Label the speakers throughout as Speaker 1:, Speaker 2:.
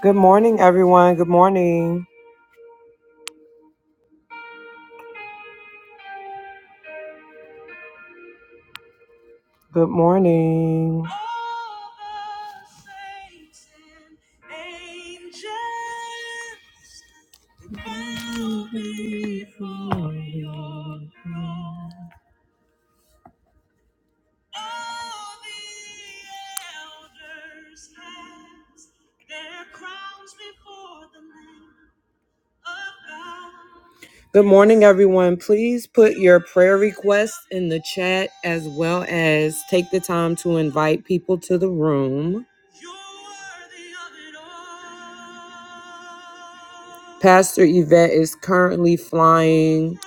Speaker 1: Good morning, everyone. Good morning. Good morning. Good morning, everyone. Please put your prayer requests in the chat as well as take the time to invite people to the room. Pastor Yvette is currently flying.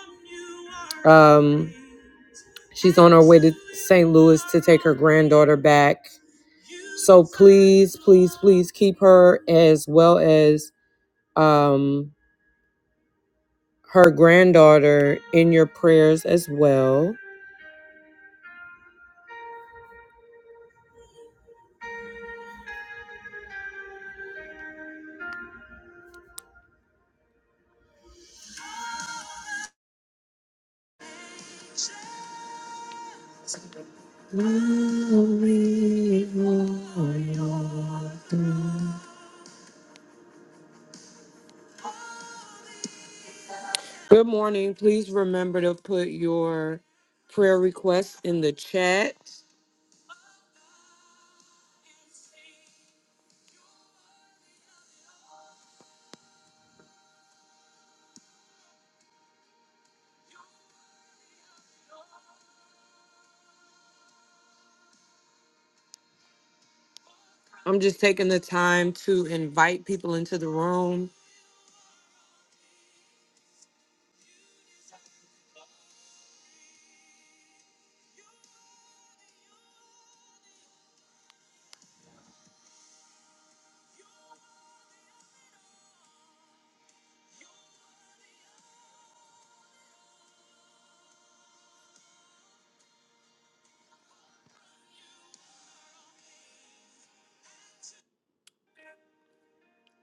Speaker 1: Um, she's on her way to St. Louis to take her granddaughter back. So please, please, please keep her as well as um, her granddaughter in your prayers as well. Good morning. Please remember to put your prayer requests in the chat. I'm just taking the time to invite people into the room.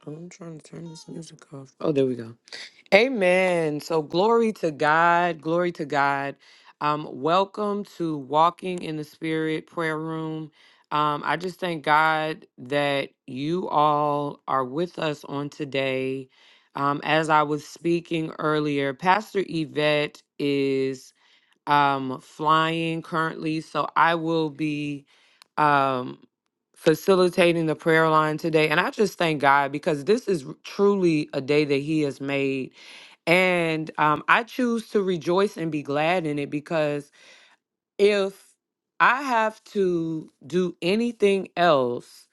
Speaker 1: I'm trying to turn this music off. Oh, there we go. Amen. So glory to God, glory to God. Um, welcome to Walking in the Spirit Prayer Room. Um, I just thank God that you all are with us on today. Um, as I was speaking earlier, Pastor Yvette is um, flying currently, so I will be um, facilitating the prayer line today. And I just thank God because this is truly a day that He has made and um, I choose to rejoice and be glad in it because if I have to do anything else,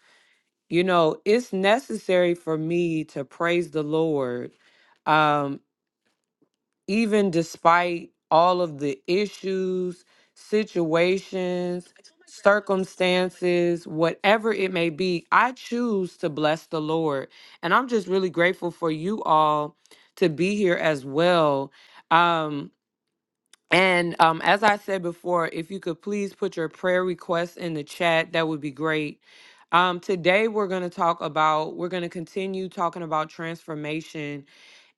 Speaker 1: you know, it's necessary for me to praise the Lord, um, even despite all of the issues, situations, circumstances, whatever it may be. I choose to bless the Lord. And I'm just really grateful for you all to be here as well. Um, and um, as I said before, if you could please put your prayer requests in the chat, that would be great. Um, today, we're going to talk about, we're going to continue talking about transformation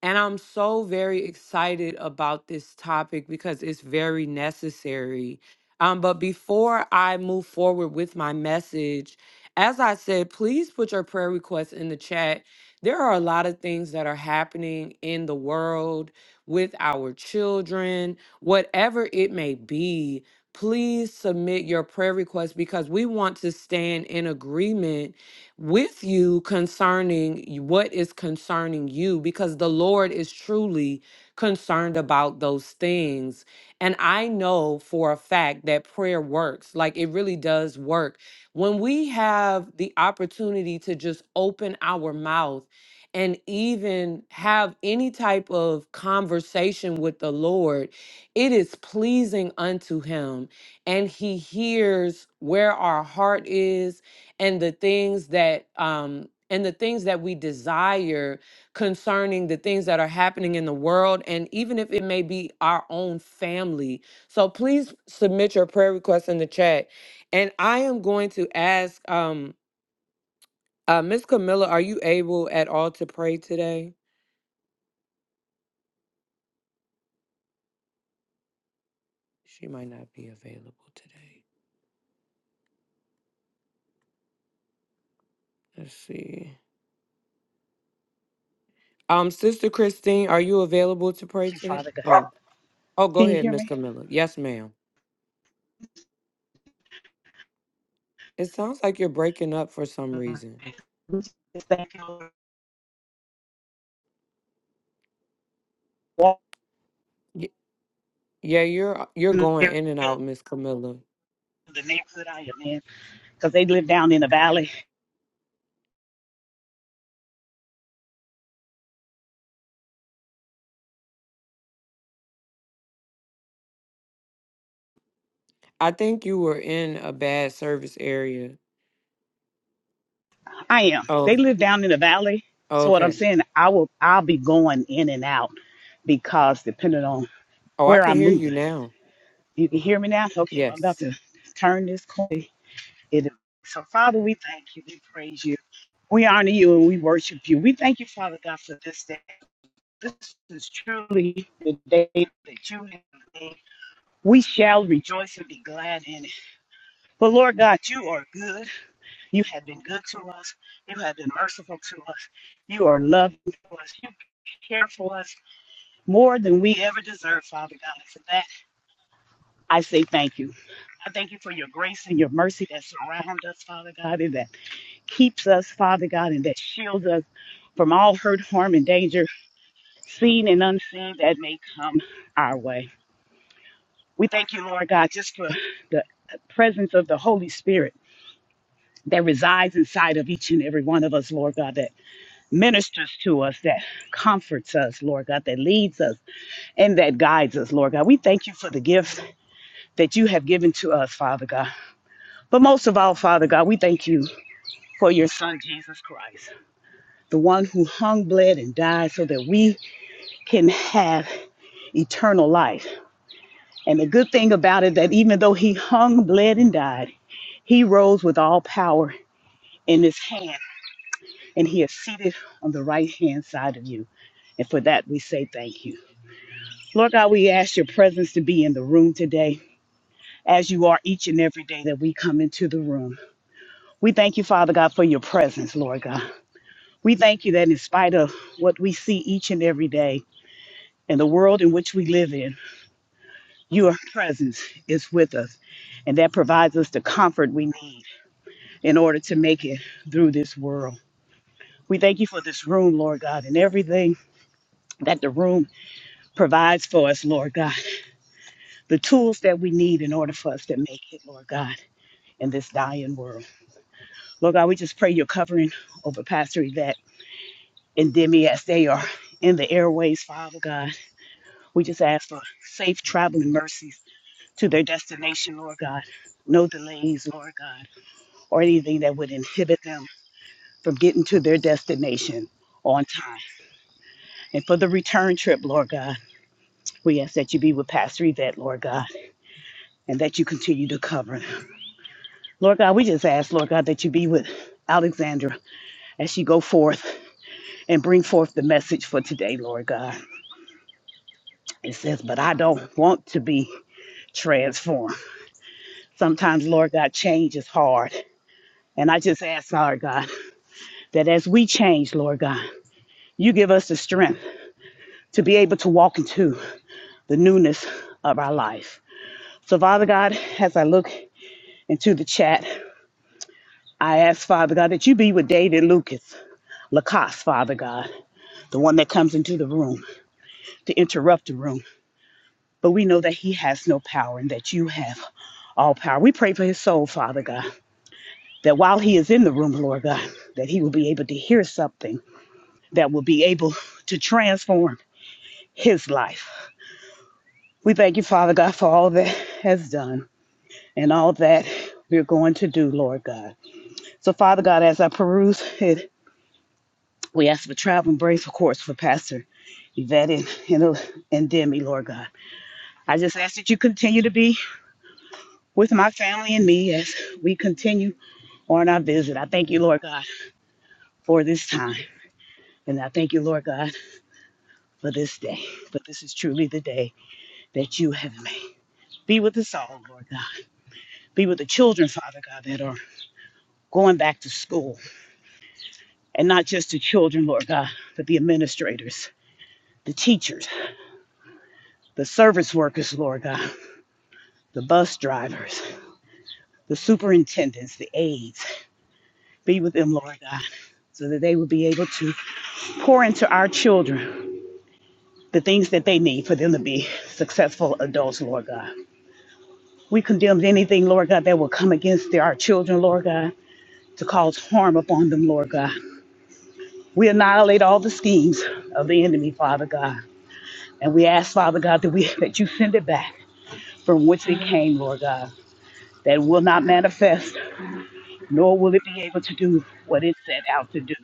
Speaker 1: and I'm so very excited about this topic because it's very necessary. Um, but before I move forward with my message, as I said, please put your prayer requests in the chat. There are a lot of things that are happening in the world with our children, whatever it may be. Please submit your prayer requests because we want to stand in agreement with you concerning y- what is concerning you because the Lord is truly concerned about those things. And I know for a fact that prayer works. Like it really does work. When we have the opportunity to just open our mouth and even have any type of conversation with the Lord, it is pleasing unto Him. And He hears where our heart is and the things that um and the things that we desire concerning the things that are happening in the world and even if it may be our own family so please submit your prayer requests in the chat and i am going to ask um uh miss camilla are you able at all to pray today she might not be available today let's see um sister christine are you available to pray
Speaker 2: Thank you,
Speaker 1: today
Speaker 2: Father God.
Speaker 1: oh oh go
Speaker 2: Can you
Speaker 1: ahead
Speaker 2: hear
Speaker 1: miss
Speaker 2: me?
Speaker 1: camilla yes ma'am It sounds like you're breaking up for some reason.
Speaker 2: Okay. Thank you, Lord. Walk
Speaker 1: Y- Yeah, you're you're
Speaker 2: in the
Speaker 1: going in and out, Miss Camilla.
Speaker 2: neighborhood I am in, because they live down in the valley.
Speaker 1: I think you were in a bad service area.
Speaker 2: I am.
Speaker 1: Oh,
Speaker 2: They live down in the valley. So what I'm
Speaker 1: okay.
Speaker 2: saying, I will. I'll be going in and out because depending on
Speaker 1: Oh, I
Speaker 2: where
Speaker 1: can
Speaker 2: I'm
Speaker 1: hear you
Speaker 2: moving.
Speaker 1: now.
Speaker 2: You can hear me now. Okay, well, I'm
Speaker 1: Yes.
Speaker 2: about to turn this corner. It. is. So Father, we thank you. We praise you. We honor you and we worship you. We thank you, Father God, for this day. This is truly the day that you have made. We shall rejoice and be glad in it. But Lord God, you are good. You have been good to us. You have been merciful to us. You are loving to us. You care for us more than we ever deserve, Father God. And for that, I say thank you. I thank you for your grace and your mercy that surround us, Father God, and that keeps us, Father God, and that shields us from all hurt, harm, and danger, seen and unseen, that may come our way. We thank you, Lord God, just for the presence of the Holy Spirit that resides inside of each and every one of us, Lord God, that ministers to us, that comforts us, Lord God, that leads us and that guides us, Lord God. We thank you for the gift that you have given to us, Father God. But most of all, Father God, we thank you for your Son, Jesus Christ, the one who hung, bled, and died so that we can have eternal life. And the good thing about it that even though he hung, bled, and died, he rose with all power in his hand, and he is seated on the right hand side of you. And for that we say thank you. Lord God, we ask your presence to be in the room today, as you are each and every day that we come into the room. We thank you, Father God, for your presence, Lord God. We thank you that in spite of what we see each and every day and the world in which we live in, your presence is with us. And that provides us the comfort we need in order to make it through this world. We thank you for this room, Lord God, and everything that the room provides for us, Lord God. The tools that we need in order for us to make it, Lord God, in this dying world. Lord God, we just pray your covering over Pastor Yvette and Demi as they are in the airways, Father God. We just ask for safe traveling mercies to their destination, Lord God. No delays, Lord God, or anything that would inhibit them from getting to their destination on time. And for the return trip, Lord God, we ask that you be with Pastor Yvette, Lord God, and that you continue to cover. Lord God, we just ask, Lord God, that you be with Alexandra as she go forth and bring forth the message for today, Lord God. It says, but I don't want to be transformed. Sometimes, Lord God, change is hard. And I just ask, Lord God, that as we change, Lord God, you give us the strength to be able to walk into the newness of our life. So, Father God, as I look into the chat, I ask, Father God, that you be with David Lucas, Lacoste, Father God, the one that comes into the room to interrupt the room. But we know that he has no power and that you have all power. We pray for his soul, Father God, that while he is in the room, Lord God, that he will be able to hear something that will be able to transform his life. We thank you, Father God, for all that has done and all that we're going to do, Lord God. So, Father God, as I peruse it We ask for traveling grace, of course, for Pastor Yvette and, and, and Demi, Lord God. I just ask that you continue to be with my family and me as we continue on our visit. I thank you, Lord God, for this time. And I thank you, Lord God, for this day. For this is truly the day that you have made. Be with us all, Lord God. Be with the children, Father God, that are going back to school. And not just the children, Lord God, but the administrators, the teachers, the service workers, Lord God, the bus drivers. the superintendents, the aides. Be with them, Lord God, so that they will be able to pour into our children the things that they need for them to be successful adults, Lord God. We condemn anything, Lord God, that will come against their, our children, Lord God, to cause harm upon them, Lord God. We annihilate all the schemes of the enemy, Father God. And we ask, Father God, that we that you send it back from which it came, Lord God, that it will not manifest, nor will it be able to do what it set out to do.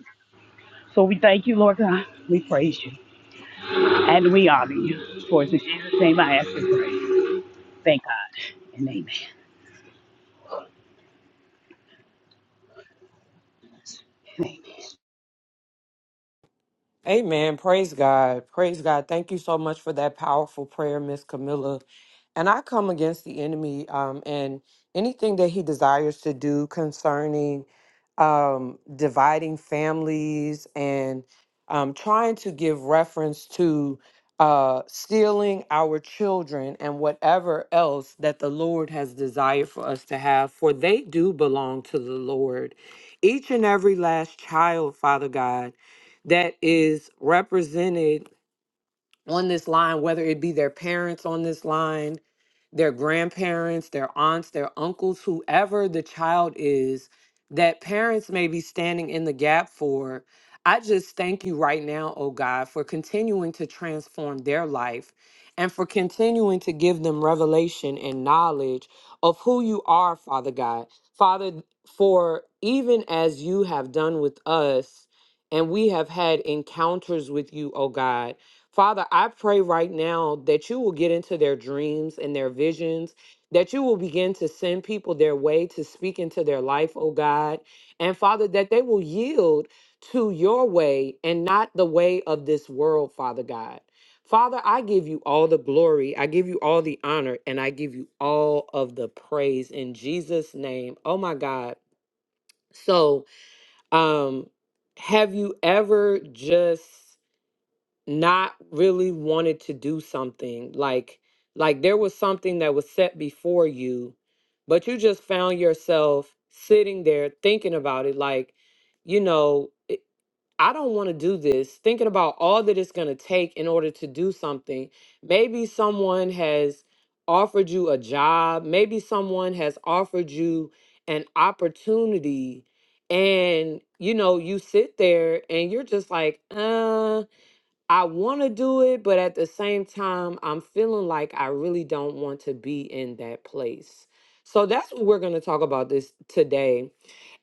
Speaker 2: So we thank you, Lord God. We praise you and we honor you. For it's in Jesus' name I ask and pray. Thank God and amen.
Speaker 1: Amen. Praise God. Praise God. Thank you so much for that powerful prayer, Miss Camilla. And I come against the enemy um, and anything that he desires to do concerning um, dividing families and um, trying to give reference to uh, stealing our children and whatever else that the Lord has desired for us to have, for they do belong to the Lord. Each and every last child, Father God that is represented on this line, whether it be their parents on this line, their grandparents, their aunts, their uncles, whoever the child is that parents may be standing in the gap for. I just thank you right now, oh God, for continuing to transform their life and for continuing to give them revelation and knowledge of who you are, Father God. Father, for even as you have done with us, and we have had encounters with you, oh God Father, I pray right now that you will get into their dreams and their visions, that you will begin to send people their way to speak into their life, oh God. And Father, that they will yield to your way and not the way of this world, Father God. Father, I give you all the glory, I give you all the honor, and I give you all of the praise in Jesus' name. Oh my God. So, um, have you ever just not really wanted to do something like like there was something that was set before you but you just found yourself sitting there thinking about it like you know it- i don't want to do this thinking about all that it's going to take in order to do something maybe someone has offered you a job maybe someone has offered you an opportunity and you know you sit there and you're just like uh I want to do it, but at the same time, I'm feeling like I really don't want to be in that place. So that's what we're going to talk about this today.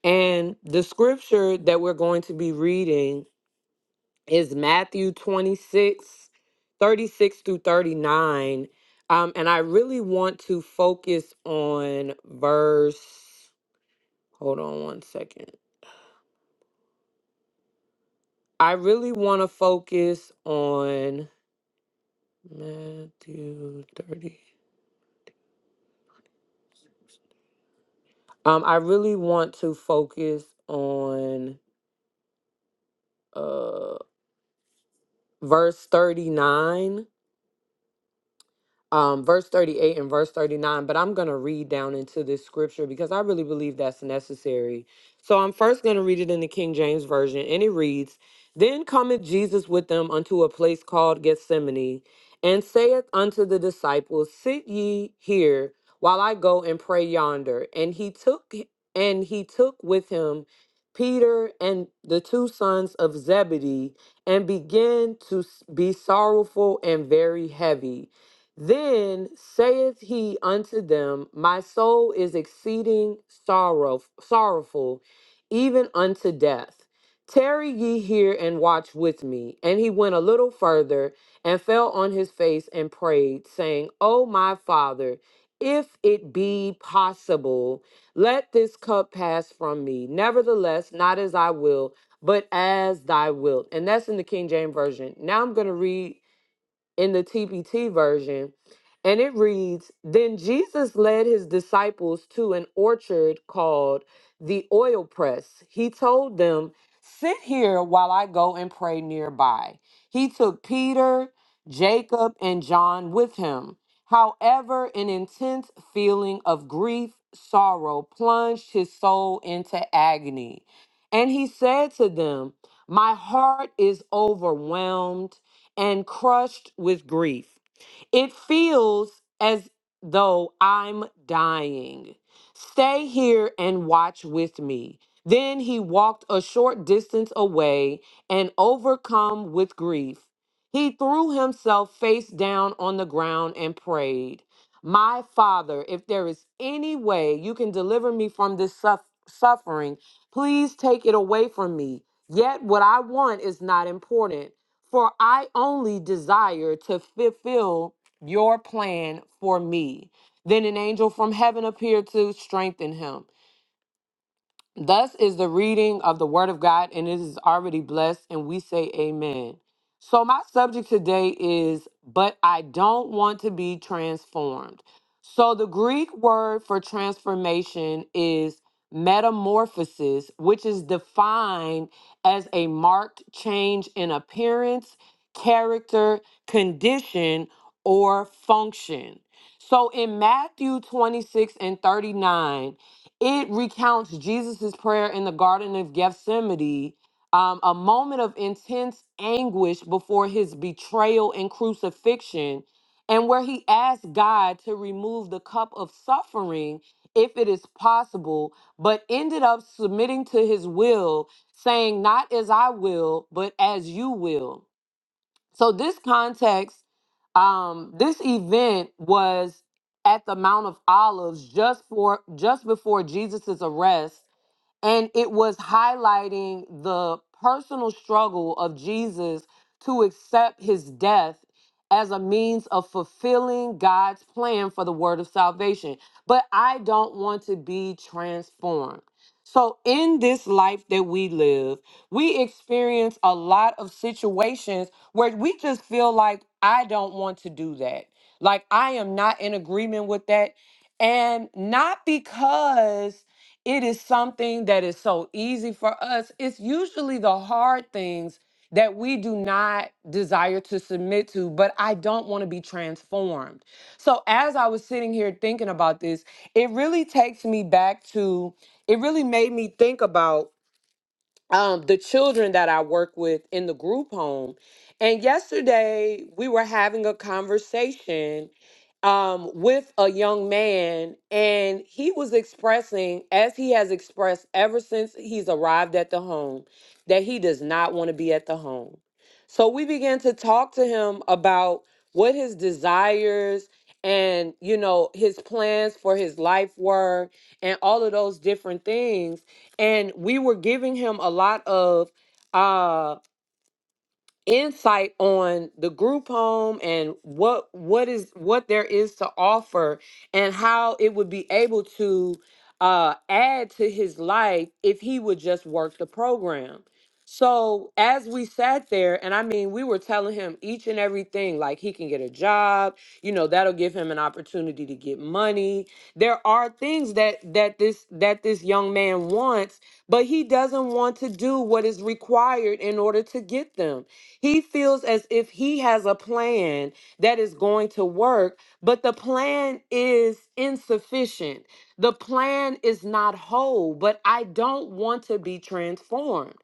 Speaker 1: And the scripture that we're going to be reading is Matthew 26, 36 through 39. Um, and I really want to focus on verse, hold on one second. I really want to focus on Matthew 30. Um, I really want to focus on uh verse 39 um, verse 38 and verse 39, but I'm going to read down into this scripture because I really believe that's necessary. So I'm first going to read it in the King James Version, and it reads Then cometh Jesus with them unto a place called Gethsemane, and saith unto the disciples, Sit ye here while I go and pray yonder. And he took and he took with him Peter and the two sons of Zebedee and began to s- be sorrowful and very heavy. Then saith he unto them, My soul is exceeding sorrow, sorrowful, even unto death. Tarry ye here and watch with me. And he went a little further and fell on his face and prayed, saying, O my father, if it be possible, let this cup pass from me. Nevertheless, not as I will, but as thy wilt. And that's in the King James Version. Now I'm going to read in the TPT version. And it reads Then Jesus led his disciples to an orchard called the oil press. He told them, Sit here while I go and pray nearby. He took Peter, Jacob, and John with him. However, an intense feeling of grief, sorrow plunged his soul into agony. And he said to them, My heart is overwhelmed and crushed with grief. It feels as though I'm dying. Stay here and watch with me. Then he walked a short distance away and, overcome with grief, he threw himself face down on the ground and prayed, My Father, if there is any way you can deliver me from this suff- suffering, please take it away from me. Yet what I want is not important, for I only desire to fulfill your plan for me. Then an angel from heaven appeared to strengthen him. Thus is the reading of the word of God, and it is already blessed, and we say amen. So, my subject today is, but I don't want to be transformed. So, the Greek word for transformation is metamorphosis, which is defined as a marked change in appearance, character, condition, or function. So, in Matthew 26 and 39, it recounts Jesus' prayer in the Garden of Gethsemane, um, a moment of intense anguish before his betrayal and crucifixion, and where he asked God to remove the cup of suffering if it is possible, but ended up submitting to his will, saying, Not as I will, but as you will. So this context, um, this event was at the Mount of Olives just for just before Jesus' arrest and it was highlighting the personal struggle of Jesus to accept his death as a means of fulfilling God's plan for the word of salvation. But I don't want to be transformed. So, in this life that we live, we experience a lot of situations where we just feel like, I don't want to do that. Like, I am not in agreement with that. And not because it is something that is so easy for us. It's usually the hard things that we do not desire to submit to, but I don't want to be transformed. So as I was sitting here thinking about this, it really takes me back to, it really made me think about um, the children that I work with in the group home. And yesterday we were having a conversation um, with a young man, and he was expressing, as he has expressed ever since he's arrived at the home, that he does not want to be at the home. So we began to talk to him about what his desires and you know his plans for his life were and all of those different things and we were giving him a lot of uh insight on the group home and what what is what there is to offer and how it would be able to uh add to his life if he would just work the program so as we sat there and i mean we were telling him each and everything like he can get a job you know that'll give him an opportunity to get money there are things that that this that this young man wants but he doesn't want to do what is required in order to get them he feels as if he has a plan that is going to work, but the plan is insufficient. The plan is not whole, but I don't want to be transformed.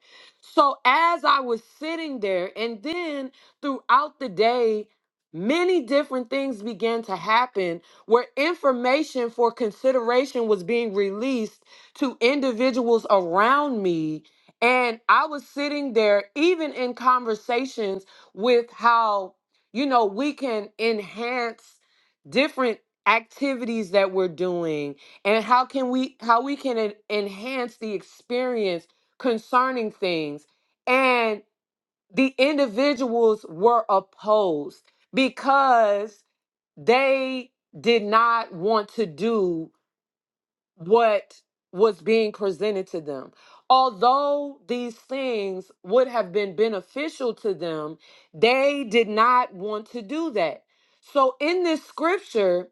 Speaker 1: So as I was sitting there, and then throughout the day, many different things began to happen where information for consideration was being released to individuals around me and I was sitting there, even in conversations with how, you know, we can enhance different activities that we're doing and how can we how we can en- enhance the experience concerning things and the individuals were opposed because they did not want to do what was being presented to them. Although these things would have been beneficial to them, they did not want to do that. So, in this scripture,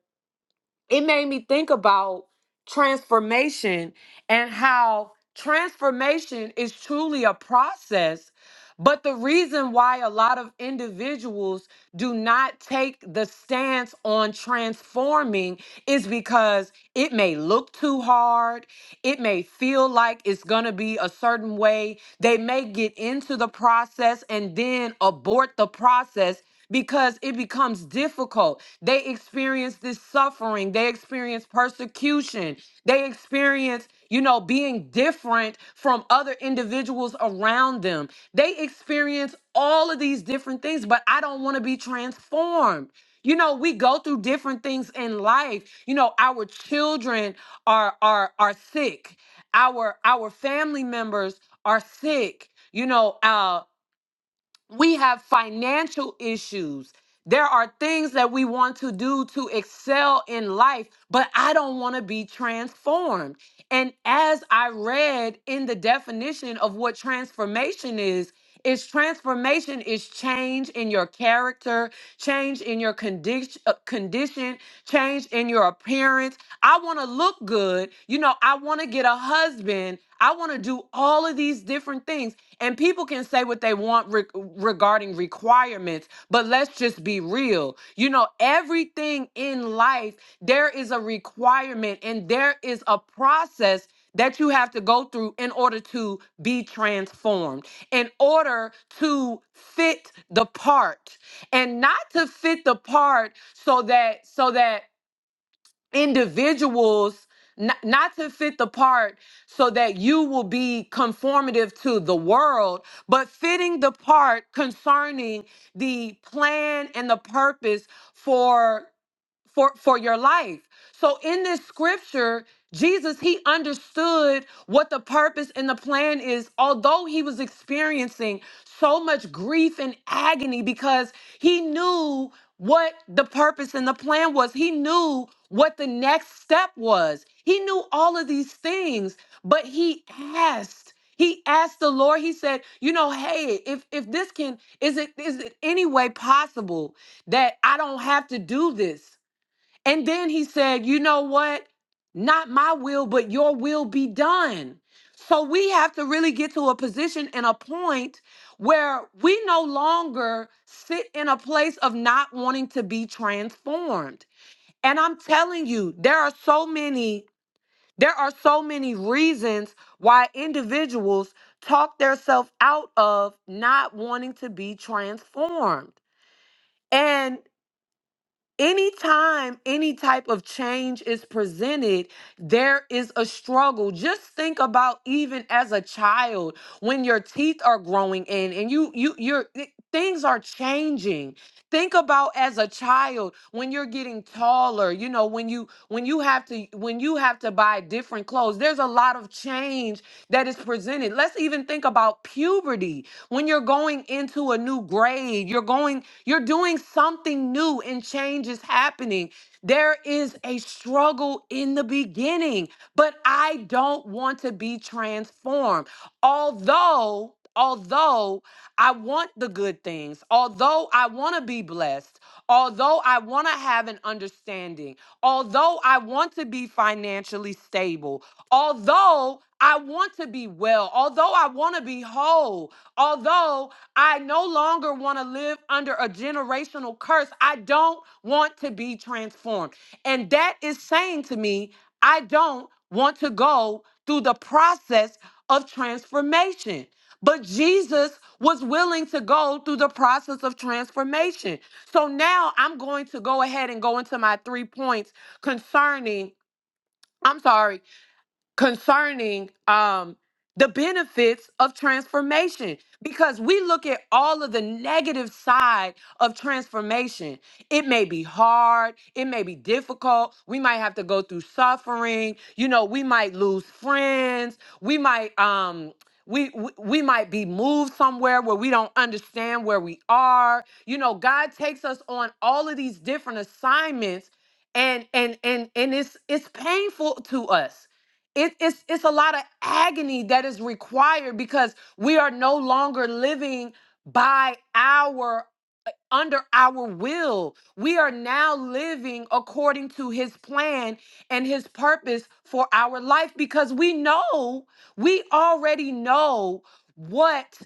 Speaker 1: it made me think about transformation and how transformation is truly a process. But the reason why a lot of individuals do not take the stance on transforming is because it may look too hard. It may feel like it's going to be a certain way. They may get into the process and then abort the process because it becomes difficult they experience this suffering. They experience persecution. They experience, you know, being different from other individuals around them. They experience all of these different things, but I don't want to be transformed. You know, we go through different things in life. You know, our children are are are sick. Our our family members are sick. You know, uh we have financial issues. There are things that we want to do to excel in life, but I don't want to be transformed. And as I read in the definition of what transformation is, it's transformation, is change in your character, change in your condition, uh, condition, change in your appearance. I want to look good. You know, I want to get a husband. I want to do all of these different things. And people can say what they want re- regarding requirements, but let's just be real. You know, everything in life, there is a requirement and there is a process that you have to go through in order to be transformed in order to fit the part and not to fit the part so that so that individuals not, not to fit the part so that you will be conformative to the world but fitting the part concerning the plan and the purpose for for for your life. So in this scripture, Jesus he understood what the purpose and the plan is although he was experiencing so much grief and agony because he knew what the purpose and the plan was. He knew what the next step was. He knew all of these things, but he asked he asked the Lord, he said, you know, hey, if if this can is it is it any way possible that I don't have to do this? And then he said, You know what? Not my will, but your will be done. So we have to really get to a position and a point where we no longer sit in a place of not wanting to be transformed. And I'm telling you, there are so many. There are so many reasons why individuals talk themselves out of not wanting to be transformed. And anytime any type of change is presented, there is a struggle. Just think about even as a child when your teeth are growing in and you you your things are changing. Think about as a child when you're getting taller, you know, when you when you have to when you have to buy different clothes. There's a lot of change that is presented. Let's even think about puberty. When you're going into a new grade, you're going you're doing something new and change is happening. There is a struggle in the beginning, but I don't want to be transformed. Although, although I want the good things, although I want to be blessed, although I want to have an understanding, although I want to be financially stable, although I want to be well, although I want to be whole, although I no longer want to live under a generational curse. I don't want to be transformed. And that is saying to me, I don't want to go through the process of transformation. But Jesus was willing to go through the process of transformation. So now I'm going to go ahead and go into my three points concerning, I'm sorry, concerning um the benefits of transformation because we look at all of the negative side of transformation it may be hard it may be difficult we might have to go through suffering you know we might lose friends we might um we, we we might be moved somewhere where we don't understand where we are you know god takes us on all of these different assignments and and and and it's it's painful to us it, it's it's a lot of agony that is required because we are no longer living by our under our will. We are now living according to his plan and his purpose for our life because we know, we already know what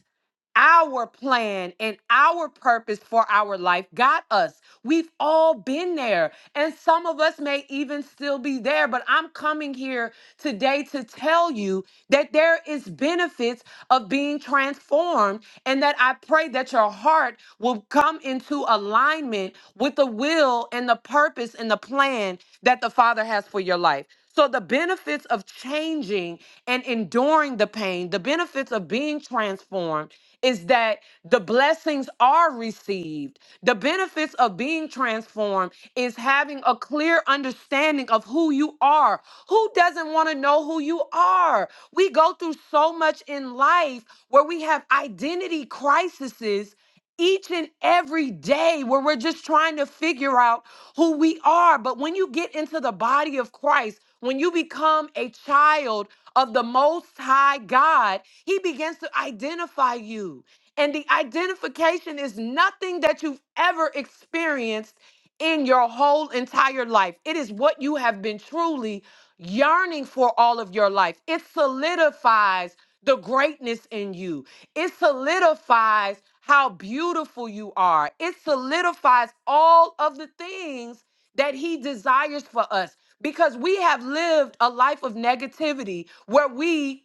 Speaker 1: our plan and our purpose for our life got us. We've all been there, and some of us may even still be there, but I'm coming here today to tell you that there is benefits of being transformed and that I pray that your heart will come into alignment with the will and the purpose and the plan that the Father has for your life. So the benefits of changing and enduring the pain, the benefits of being transformed is that the blessings are received. The benefits of being transformed is having a clear understanding of who you are. Who doesn't want to know who you are? We go through so much in life where we have identity crises each and every day where we're just trying to figure out who we are. But when you get into the body of Christ, when you become a child of the Most High God, he begins to identify you. And the identification is nothing that you've ever experienced in your whole entire life. It is what you have been truly yearning for all of your life. It solidifies the greatness in you, it solidifies how beautiful you are, it solidifies all of the things that He desires for us because we have lived a life of negativity where we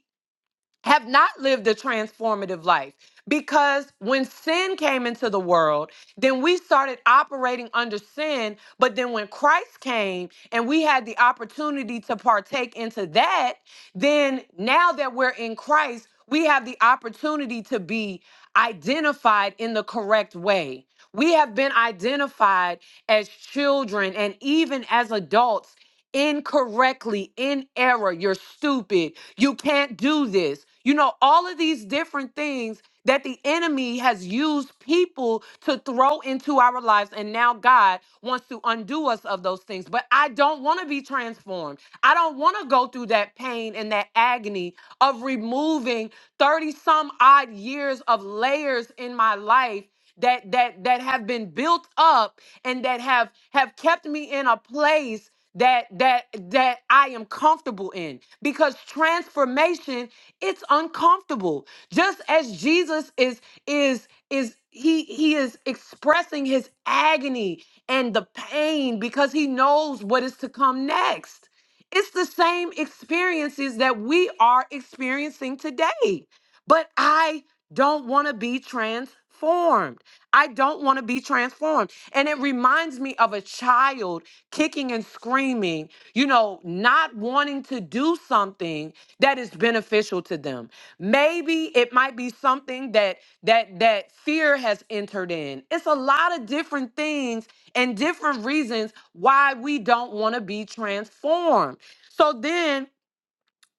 Speaker 1: have not lived a transformative life because when sin came into the world, then we started operating under sin. But then when Christ came and we had the opportunity to partake into that, then now that we're in Christ, we have the opportunity to be identified in the correct way. We have been identified as children and even as adults incorrectly, in error. You're stupid you can't do this. You know, all of these different things that the enemy has used people to throw into our lives. And now God wants to undo us of those things. But I don't want to be transformed. I don't want to go through that pain and that agony of removing 30 some odd years of layers in my life that that that have been built up and that have have kept me in a place that that that I am comfortable in because transformation it's uncomfortable just as Jesus is is is he he is expressing his agony and the pain because he knows what is to come next it's the same experiences that we are experiencing today but I don't want to be transformed I don't want to be transformed and it reminds me of a child kicking and screaming, you know, not wanting to do something that is beneficial to them. Maybe it might be something that that that fear has entered in. It's a lot of different things and different reasons why we don't want to be transformed. So then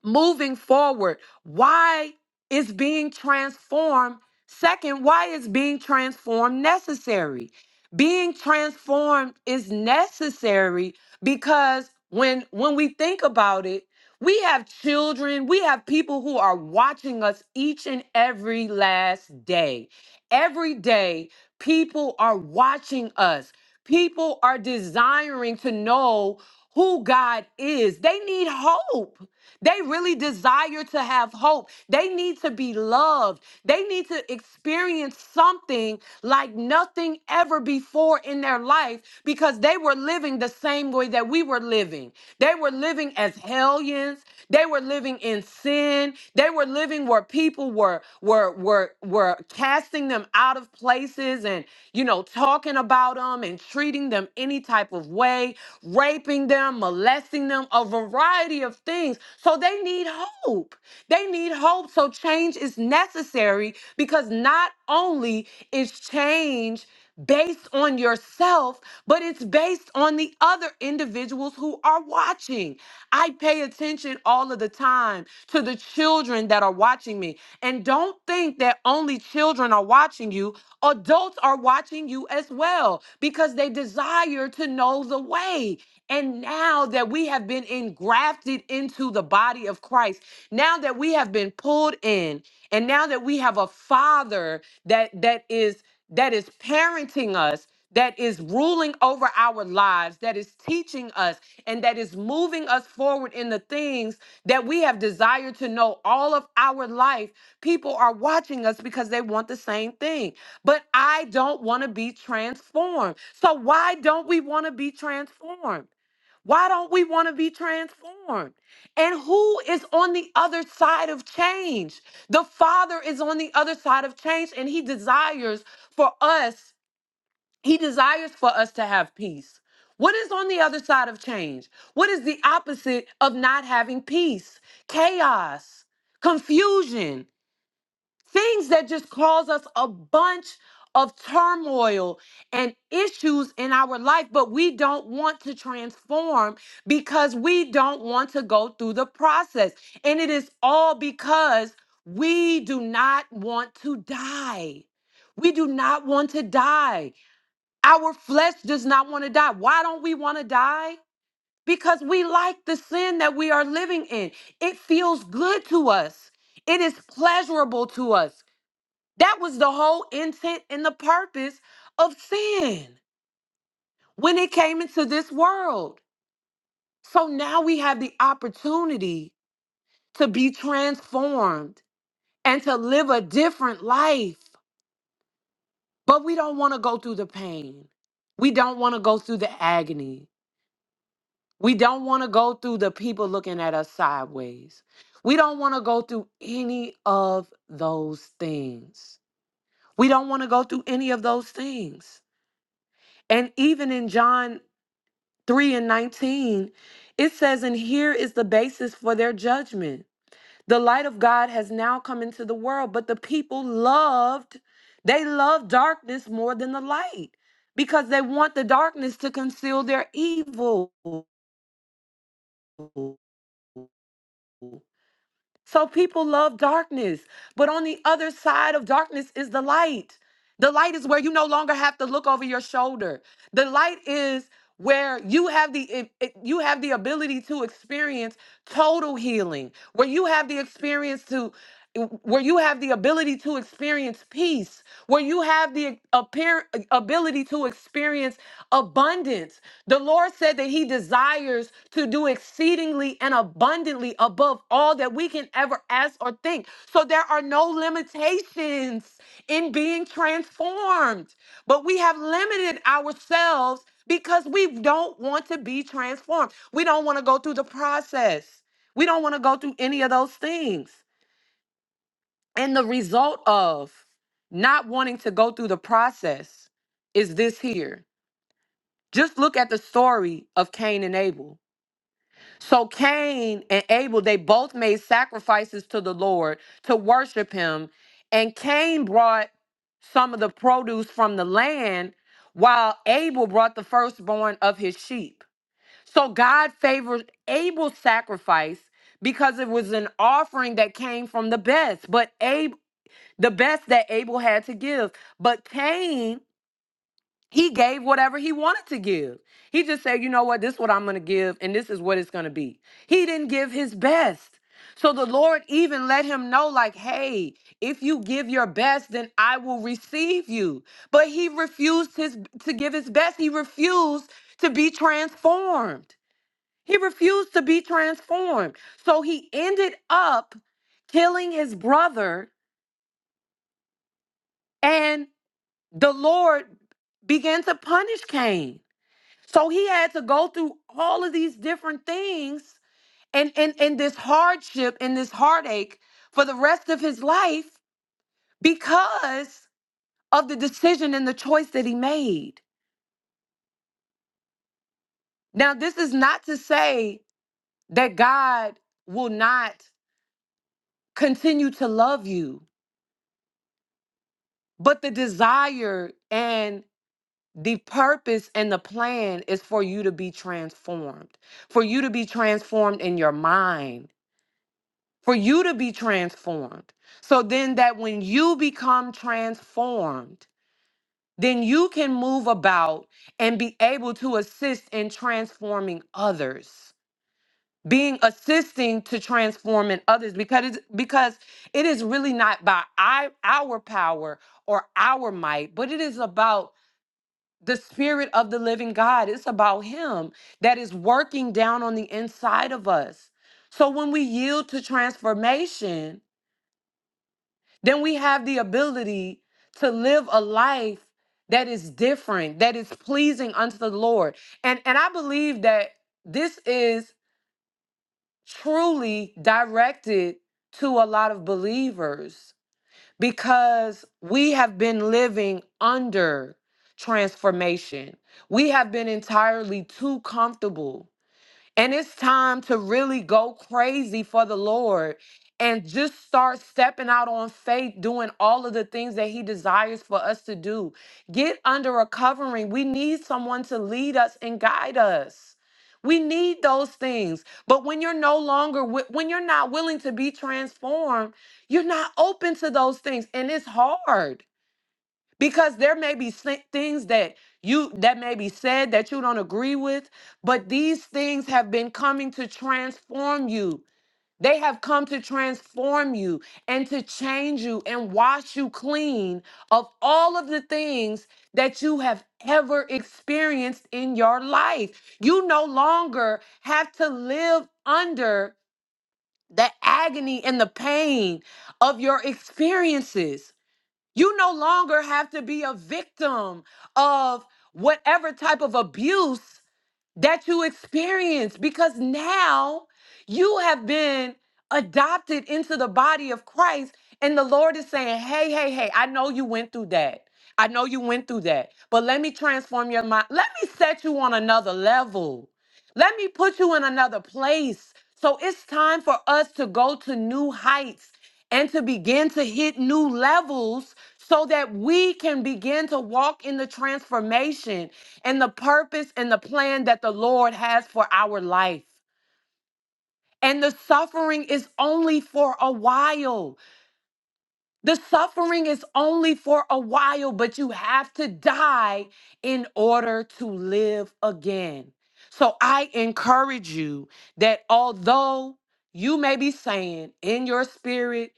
Speaker 1: moving forward why is being transformed second why is being transformed necessary being transformed is necessary because when when we think about it we have children we have people who are watching us each and every last day every day people are watching us people are desiring to know who God is they need hope they really desire to have hope. They need to be loved. They need to experience something like nothing ever before in their life because they were living the same way that we were living. They were living as hellions. They were living living in sin. They were living where people were were were were casting them out of places and you know talking about them and treating them any type of way, raping them, molesting them, a variety of things. So they need hope. They need hope. So change is necessary because not only is change based on yourself, but it's based on the other individuals who are watching. I pay attention all of the time to the children that are watching me. And don't think that only children are watching you, adults are watching you as well because they desire to know the way. And now that we have been engrafted into the body of Christ, now that we have been pulled in and now that we have a father that that is that is parenting us that is ruling over our lives, that is teaching us, and that is moving us forward in the things that we have desired to know all of our life. People are watching us because they want the same thing. But I don't want to be transformed. So, why don't we want to be transformed? Why don't we want to be transformed? And who is on the other side of change? The Father is on the other side of change, and He desires for us, He desires for us to have peace. What is on the other side of change? What is the opposite of not having peace? Chaos, confusion things that just cause us a bunch of turmoil and issues in our life, but we don't want to transform because we don't want to go through the process. And it is all because we do not want to die. We do not want to die. Our flesh does not want to die. Why don't we want to die? Because we like the sin that we are living in. It feels good to us. It is pleasurable to us. That was the whole intent and the purpose of sin when it came into this world. So now we have the opportunity to be transformed and to live a different life. But we don't want to go through the pain. We don't want to go through the agony. We don't want to go through the people looking at us sideways. We don't want to go through any of those things. We don't want to go through any of those things. And even in John 3 and 19, it says, And here is the basis for their judgment. The light of God has now come into the world, but the people loved, they love darkness more than the light because they want the darkness to conceal their evil. So people love darkness, but on the other side of darkness is the light. The light is where you no longer have to look over your shoulder. The light is where you have the it- it- you have the ability to experience total healing, where you have the experience to eh, where you have the ability to experience peace, where you have the eh, appear, eh, ability to experience abundance, the Lord said that He desires to do exceedingly and abundantly above all that we can ever ask or think. So there are no limitations in being transformed, but we have limited ourselves because we don't want to be transformed. We don't want to go through the process. We don't want to go through any of those things. And the result of not wanting to go through the process is this here. Just look at the story of Cain and Abel so Cain and Abel, they both made sacrifices to the Lord to worship him. And Cain brought some of the produce from the land, while Abel brought the firstborn of his sheep. So God favored Abel's sacrifice because it was an offering that came from the best, but Abel, the best that Abel had to give. But Cain he gave whatever he wanted to give. He just said, you know what, this is what I'm going to give, and this is what it's going to be. He didn't give his best. So the Lord even let him know, like, hey, if you give your best, then I will receive you. But he refused his to give his best. He refused to be transformed. He refused to be transformed. So he ended up killing his brother, and the Lord began to punish Cain. So he had to go through all of these different things and, and, and this hardship and this heartache for the rest of his life because of the decision and the choice that he made. Now, this is not to say that God will not continue to love you, but the desire and the purpose and the plan is for you to be transformed, for you to be transformed in your mind for you to be transformed. So then that when you become transformed, then you can move about and be able to assist in transforming others. Being assisting to transforming others because it's, because it is really not by I, our power or our might, but it is about the spirit of the living God. It's about him that is working down on the inside of us. So when we yield to transformation, then we have the ability to live a life that is different, that is pleasing unto the Lord. And and I believe that this is truly directed to a lot of believers because we have been living under transformation. We have been entirely too comfortable and it's time to really go crazy for the Lord and just start stepping out on faith, doing all of the things that He desires for us to do. Get under a covering. We need someone to lead us and guide us. We need those things. But when you're no longer, wi- when you're not willing to be transformed, you're not open to those things. And it's hard because there may be sli- things that you that may be said that you don't agree with but these things have been coming to transform you they have come to transform you and to change you and wash you clean of all of the things that you have ever experienced in your life. You no longer have to live under the agony and the pain of your experiences you no longer have to be a victim of whatever type of abuse that you experience because now you have been adopted into the body of Christ. And the Lord is saying, hey, hey, hey, I know you went through that. I know you went through that, but let me transform your mind. Let me set you on another level. Let me put you in another place. So it's time for us to go to new heights and to begin to hit new levels so that we can begin to walk in the transformation and the purpose and the plan that the Lord has for our life. And the suffering is only for a while. The suffering is only for a while, but you have to die in order to live again. So I encourage you that although you may be saying in your spirit,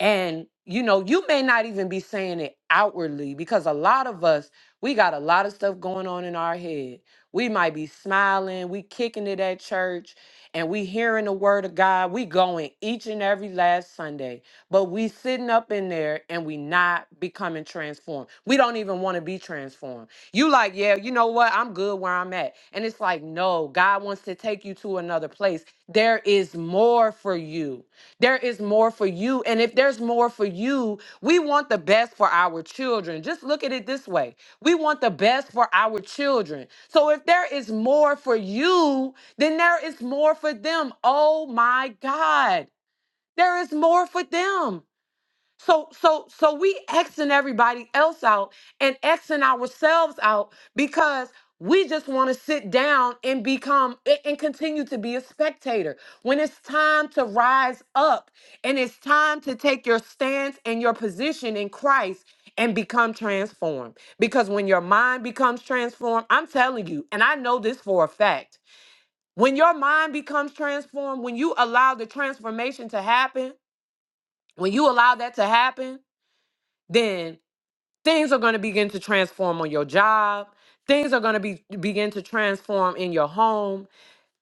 Speaker 1: and you know, you may not even be saying it outwardly because a lot of us, we got a lot of stuff going on in our head. We might be smiling, we kicking it at church, and we hearing the word of God. We going each and every last Sunday, but we sitting up in there and we not becoming transformed. We don't even want to be transformed. You like, yeah, you know what? I'm good where I'm at. And it's like, no, God wants to take you to another place. There is more for you there is more for you. And if there's more for you, we want the best for our children. Just look at it this way we want the best for our children. So if there is more for you, then there is more for them. Oh my God, there is more for them. So so so we Xing everybody else out and Xing ourselves out because we just want to sit down and become a- and continue to be a spectator. When it's time to rise up and it's time to take your stance and your position in Christ and become transformed. Because when your mind becomes transformed, I'm telling you, and I know this for a fact. When your mind becomes transformed, when you allow the transformation to happen, when you allow that to happen, then things are going to begin to transform on your job. Things are going to be begin to transform in your home.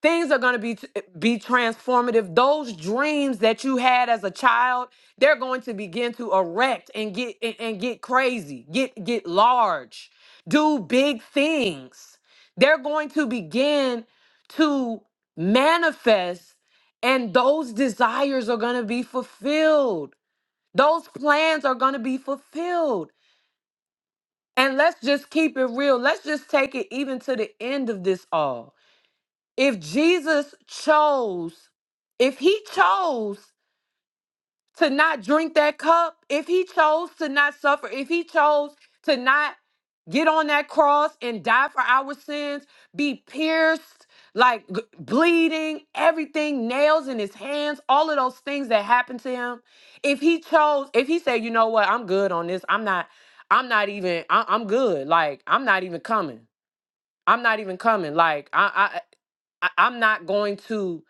Speaker 1: Things are going to be t- eh, be transformative. Those dreams that you had as a child, they're going to begin to erect and get and, and get crazy, get get large, do big things. They're going to begin to manifest and those desires are going to be fulfilled. Those plans are going to be fulfilled and let's just keep it real. Let's just take it even to the end of this all. If Jesus chose, if he chose to not drink that cup, if he chose to not suffer, if he chose to not get on that cross and die for our sins, be pierced, like g- bleeding, everything, nails in his hands, all of those things that happened to him. If he chose, if he said, you know what, I'm good on this, I'm not, I'm not even, I, I'm good, like, I'm not even coming. I'm not even coming. Like, I, I, I I'm not going to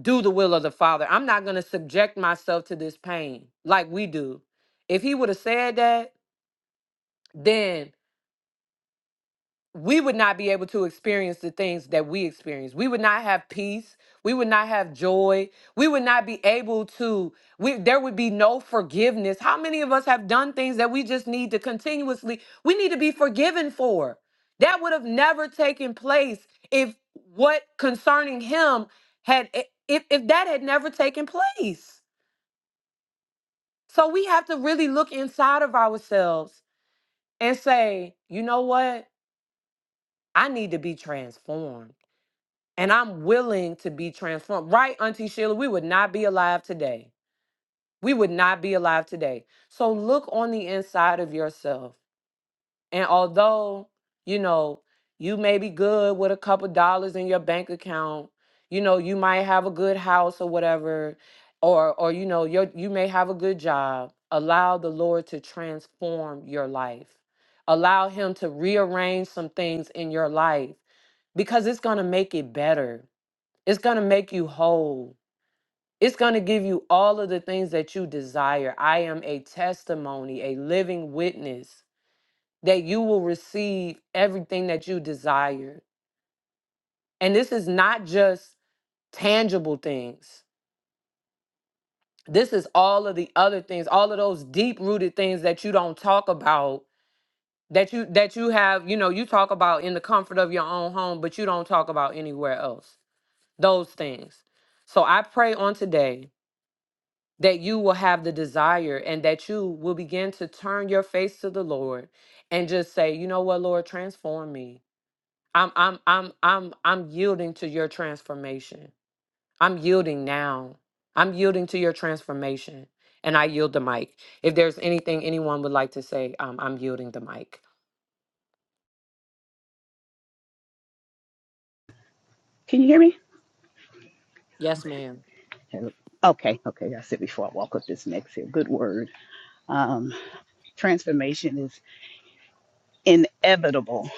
Speaker 1: do the will of the Father. I'm not going to subject myself to this pain like we do. If he would have said that, then we would not be able to experience the things that we experience. We would not have peace. We would not have joy. We would not be able to we there would be no forgiveness. How many of us have done things that we just need to continuously we need to be forgiven for? That would have never taken place if what concerning him had if if that had never taken place. So we have to really look inside of ourselves and say, you know what? I need to be transformed. And I'm willing to be transformed. Right, Auntie Sheila, we would not be alive today. We would not be alive today. So look on the inside of yourself. And although, you know, you may be good with a couple dollars in your bank account, you know, you might have a good house or whatever, or or you know, you you may have a good job. Allow the Lord to transform your life. Allow him to rearrange some things in your life because it's going to make it better. It's going to make you whole. It's going to give you all of the things that you desire. I am a testimony, a living witness that you will receive everything that you desire. And this is not just tangible things, this is all of the other things, all of those deep rooted things that you don't talk about that you that you have you know you talk about in the comfort of your own home but you don't talk about anywhere else those things so i pray on today that you will have the desire and that you will begin to turn your face to the lord and just say you know what lord transform me I'm I'm I'm I'm I'm yielding to your transformation. I'm yielding now. I'm yielding to your transformation. And I yield the mic. If there's anything anyone would like to say, um, I'm yielding the mic.
Speaker 2: Can you hear me?
Speaker 1: Yes, ma'am.
Speaker 2: Okay, okay. That's it before I walk up this next here. Good word. Um, transformation is inevitable,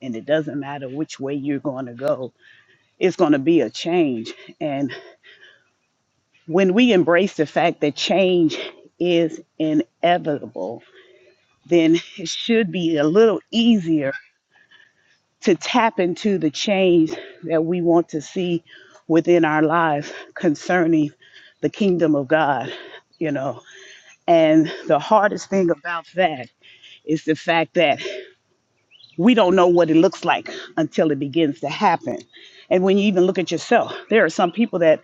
Speaker 2: and it doesn't matter which way you're going to go, it's going to be a change. And when we embrace the fact that change is inevitable, then it should be a little easier to tap into the change that we want to see within our lives concerning the kingdom of God, you know. And the hardest thing about that is the fact that we don't know what it looks like until it begins to happen. And when you even look at yourself, there are some people that,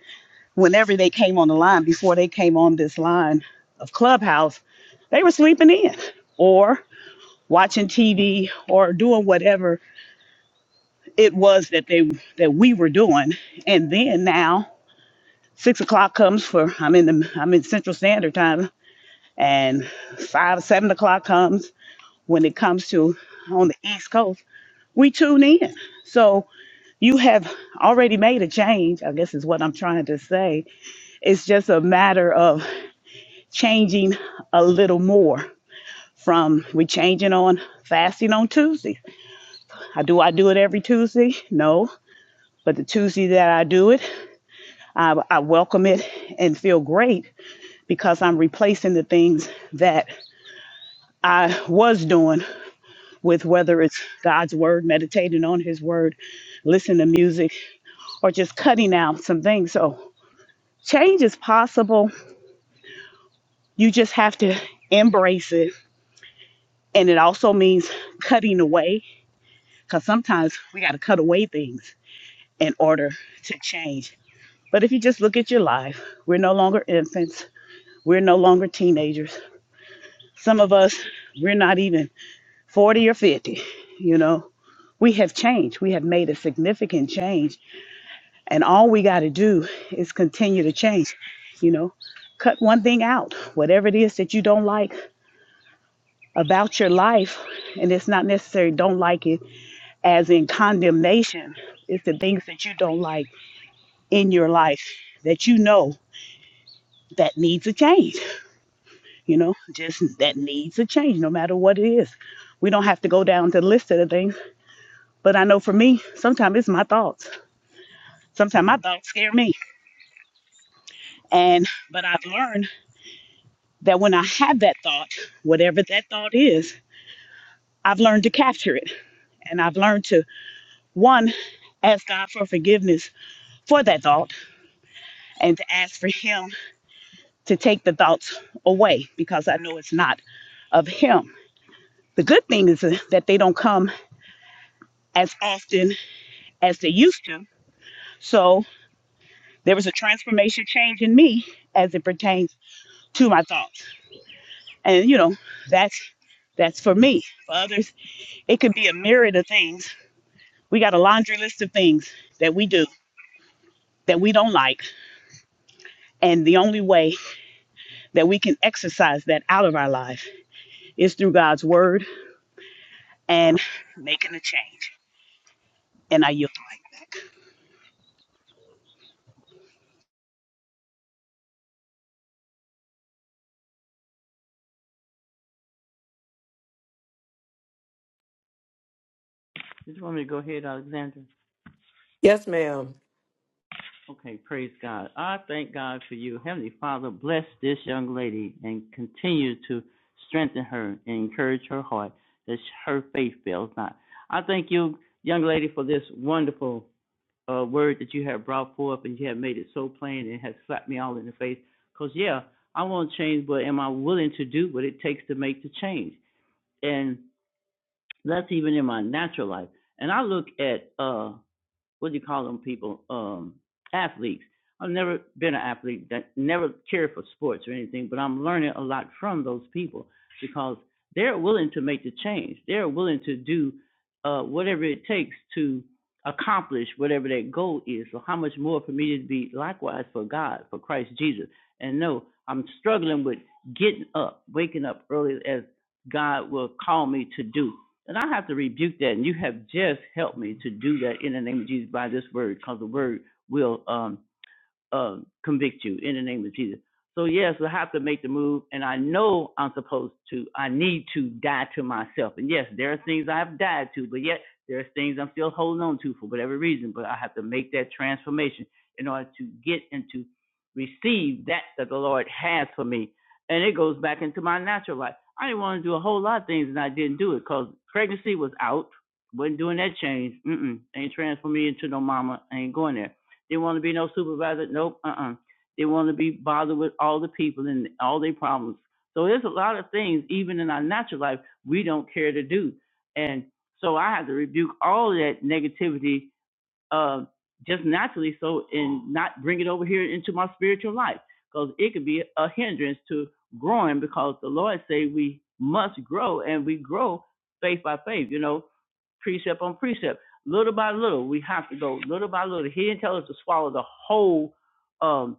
Speaker 2: whenever they came on the line, before they came on this line of Clubhouse, they were sleeping in or watching TV or doing whatever it was that they that we were doing. And then now six o'clock comes for I'm in the I'm in Central Standard Time, and five seven o'clock comes when it comes to on the East Coast. We tune in. So you have already made a change. I guess is what I'm trying to say. It's just a matter of changing a little more. From we changing on fasting on Tuesday. I do I do it every Tuesday? No, but the Tuesday that I do it. I, I welcome it and feel great because I'm replacing the things that I was doing with whether it's God's word, meditating on his word, listening to music, or just cutting out some things. So change is possible. You just have to embrace it. And it also means cutting away because sometimes we got to cut away things in order to change. But if you just look at your life, we're no longer infants. We're no longer teenagers Some of us, we're not even 40 or 50, you know. We have changed. We have made a significant change. And all we got to do is continue to change, you know. Cut one thing out, whatever it is that you don't like about your life. And it's not necessarily don't like it as in condemnation, it's the things that you don't like in your life that you know that needs a change, you know, just that needs a change no matter what it is. We don't have to go down to the list of the things But I know for me, sometimes it's my thoughts. Sometimes my thoughts scare me. And but I've learned that when I have that thought, whatever that thought is, I've learned to capture it. And I've learned to one ask God for forgiveness for that thought and to ask for him to take the thoughts away because I know it's not of him. The good thing is that they don't come as often as they used to. So there was a transformation change in me as it pertains to my thoughts. And you know, that's that's for me. For others, it could be a myriad of things. We got a laundry list of things that we do that we don't like. And the only way that we can exercise that out of our life is through God's word and making a change. And I yield the mic back.
Speaker 3: Did you want me to go ahead, Alexandra?
Speaker 1: Yes, ma'am.
Speaker 3: Okay, praise God. I thank God for you. Heavenly Father, bless this young lady and continue to strengthen her and encourage her heart that her faith fails not. I thank you, young lady, for this wonderful uh, word that you have brought forth and you have made it so plain and has slapped me all in the face. Because, yeah, I want change, but am I willing to do what it takes to make the change? And that's even in my natural life. And I look at uh, what do you call them people? Um, athletes. I've never been an athlete that never cared for sports or anything, but I'm learning a lot from those people because they're willing to make the change. They're willing to do uh, whatever it takes to accomplish whatever that goal is. So how much more for me to be likewise for God, for Christ Jesus. And no, I'm struggling with getting up, waking up early as God will call me to do. And I have to rebuke that. And you have just helped me to do that in the name of Jesus by this word, because the word will um, uh, convict you in the name of Jesus. So yes, I have to make the move, and I know I'm supposed to. I need to die to myself, and yes, there are things I have died to, but yet there are things I'm still holding on to for whatever reason. But I have to make that transformation in order to get and to receive that that the Lord has for me, and it goes back into my natural life. I didn't want to do a whole lot of things, and I didn't do it because pregnancy was out. wasn't doing that change. Mm-mm. Ain't transforming me into no mama. I ain't going there they want to be no supervisor. Nope. Uh-uh. They want to be bothered with all the people and all their problems. So there's a lot of things, even in our natural life, we don't care to do. And so I had to rebuke all that negativity uh, just naturally so and not bring it over here into my spiritual life because it could be a hindrance to growing because the lord say we must grow and we grow faith by faith you know precept on precept little by little we have to go little by little he didn't tell us to swallow the whole um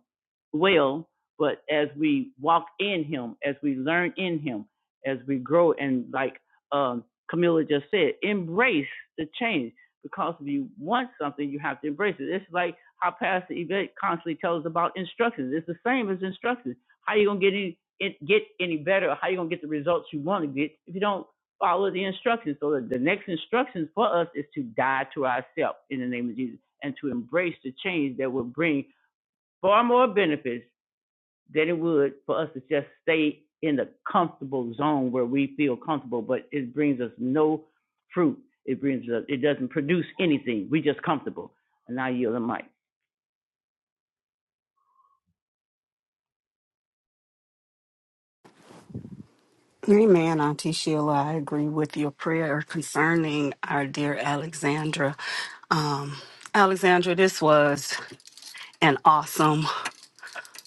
Speaker 3: well but as we walk in him as we learn in him as we grow and like um camilla just said embrace the change because if you want something, you have to embrace it. It's like how Pastor Yvette constantly tells us about instructions. It's the same as instructions. How you gonna get any get any better? Or How you gonna get the results you want to get if you don't follow the instructions? So the, the next instructions for us is to die to ourselves in the name of Jesus and to embrace the change that will bring far more benefits than it would for us to just stay in the comfortable zone where we feel comfortable, but it brings us no fruit. It brings us, it doesn't produce anything. We are just comfortable. And I yield the mic.
Speaker 4: Amen, Auntie Sheila. I agree with your prayer concerning our dear Alexandra. Um, Alexandra, this was an awesome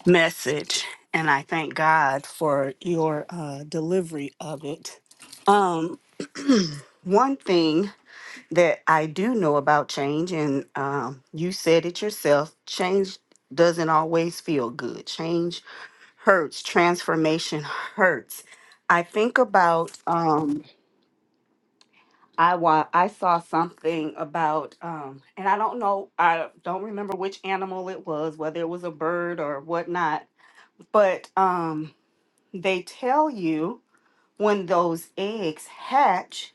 Speaker 4: message, and I thank God for your uh, delivery of it. Um, one thing that I do know about change, and um, you said it yourself change doesn't always feel good. Change hurts, transformation hurts. I think about. Um, I wa- I saw something about um and I don't know I don't remember which animal it was, whether it was a bird or whatnot, but um they tell you when those eggs hatch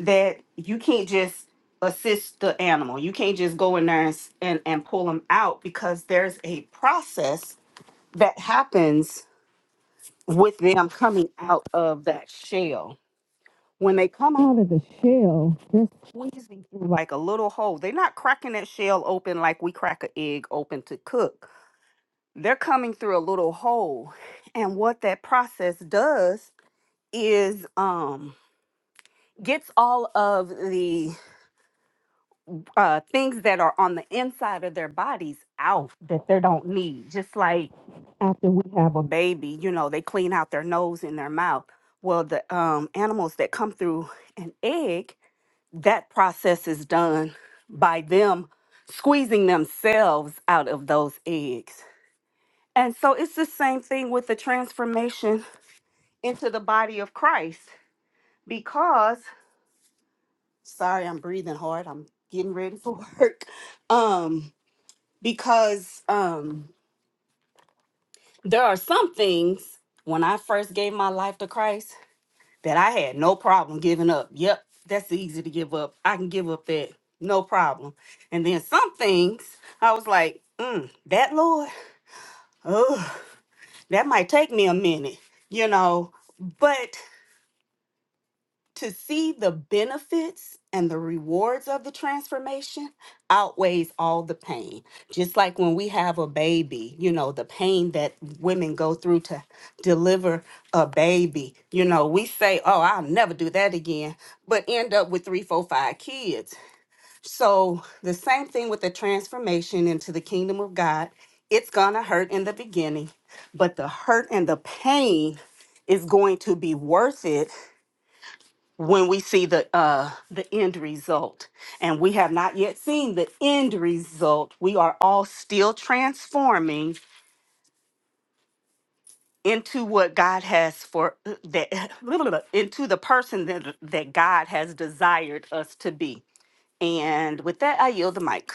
Speaker 4: that you can't just assist the animal. You can't just go in there and s- and, and pull them out because there's a process that happens with them coming out of that shell When they come out of the shell, they're squeezing through like a little hole. They're not cracking that shell open like we crack an egg open to cook. They're coming through a little hole. And what that process does is um gets all of the uh things that are on the inside of their bodies out that they don't need. Just like after we have a baby, you know, they clean out their nose and their mouth. Well, the um animals that come through an egg that process is done by them squeezing themselves out of those eggs. And so it's the same thing with the transformation into the body of Christ because sorry, I'm breathing hard. I'm getting ready for work. Um because um there are some things when I first gave my life to Christ that I had no problem giving up. Yep, that's easy to give up. I can give up that, no problem. And then some things I was like, mm, that Lord, oh, that might take me a minute, you know. But to see the benefits and the rewards of the transformation outweighs all the pain. Just like when we have a baby, you know, the pain that women go through to deliver a baby, you know, we say, oh, I'll never do that again, but end up with three, four, five kids. So the same thing with the transformation into the kingdom of God. It's going to hurt in the beginning, but the hurt and the pain is going to be worth it when we see the uh the end result and we have not yet seen the end result we are all still transforming into what god has for uh, that into the person that that god has desired us to be and with that i yield the mic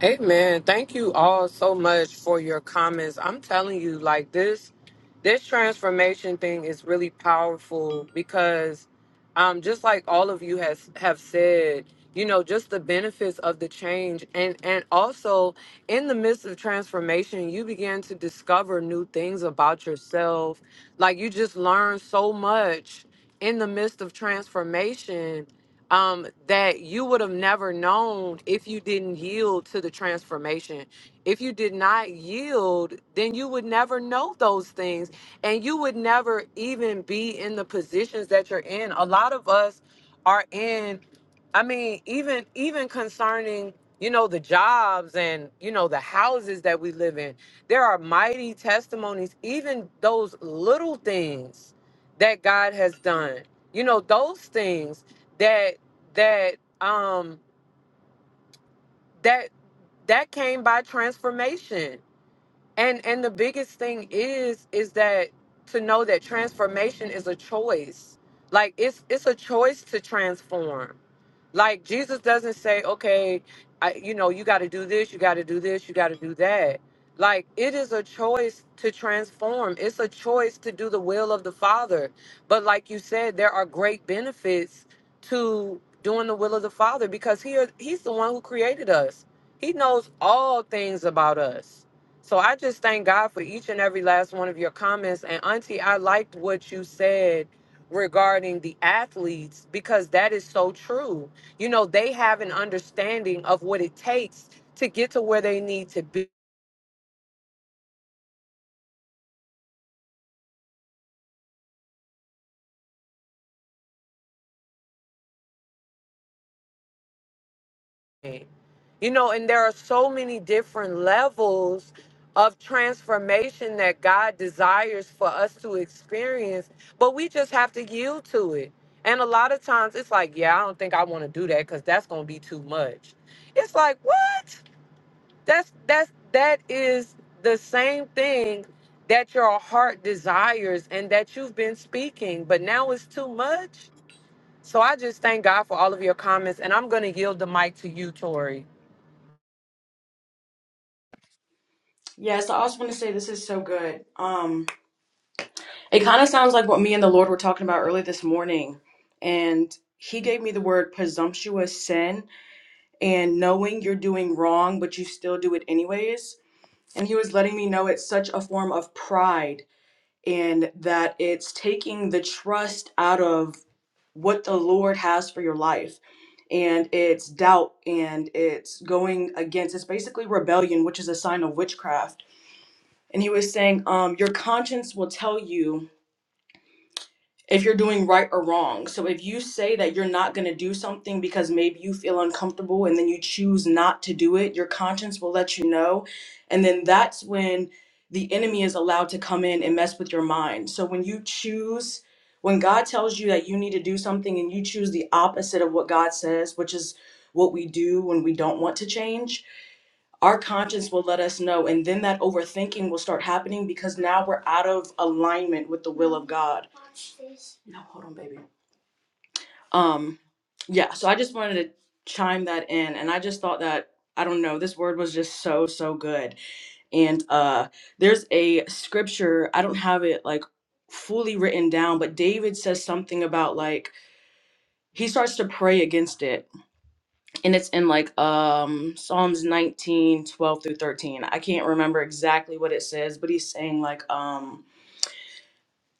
Speaker 1: Hey man, Thank you all so much for your comments. I'm telling you, like this, this transformation thing is really powerful because, um, just like all of you has have said, you know, just the benefits of the change, and and also in the midst of transformation, you begin to discover new things about yourself. Like you just learn so much in the midst of transformation um, that you would have never known if you didn't yield to the transformation. If you did not yield, then you would never know those things and you would never even be in the positions that you're in. A lot of us are in, I mean, even even concerning, you know, the jobs and, you know, the houses that we live in. There are mighty testimonies, even those little things that God has done. You know, those things that that um that that came by transformation and and the biggest thing is is that to know that transformation is a choice like it's it's a choice to transform like Jesus doesn't say, okay, I, you know, you got to do this, you got to do this, you got to do that. Like it is a choice to transform. It's a choice to do the will of the Father. But like you said, there are great benefits to doing the will of the Father because he he's the one who created us. He knows all things about us. So I just thank God for each and every last one of your comments. And Auntie, I liked what you said regarding the athletes because that is so true. You know, they have an understanding of what it takes to get to where they need to be. You know, and there are so many different levels of transformation that God desires for us to experience, but we just have to yield to it. And a lot of times it's like, yeah, I don't think I want to do that because that's going to be too much. It's like, what? that's that's that is the same thing that your heart desires and that you've been speaking but now it's too much so i just thank god for all of your comments and i'm going to yield the mic to you tori
Speaker 5: Yes, I also want to say this is so good. Um, it kind of sounds like what me and the Lord were talking about early this morning, and He gave me the word presumptuous sin and knowing you're doing wrong, but you still do it anyways. And He was letting me know it's such a form of pride, and that it's taking the trust out of what the Lord has for your life. And it's doubt and it's going against, it's basically rebellion, which is a sign of witchcraft and he was saying um your conscience will tell you if you're doing right or wrong so if you say that you're not going to do something because maybe you feel uncomfortable and then you choose not to do it your conscience will let you know and then that's when the enemy is allowed to come in and mess with your mind so when you choose when god tells you that you need to do something and you choose the opposite of what god says which is what we do when we don't want to change our conscience will let us know and then that overthinking will start happening because now we're out of alignment with the will of god no hold on baby um yeah so i just wanted to chime that in and i just thought that i don't know this word was just so so good and uh there's a scripture i don't have it like fully written down but david says something about like he starts to pray against it and it's in like um Psalms 19 12 through 13. I can't remember exactly what it says, but he's saying like um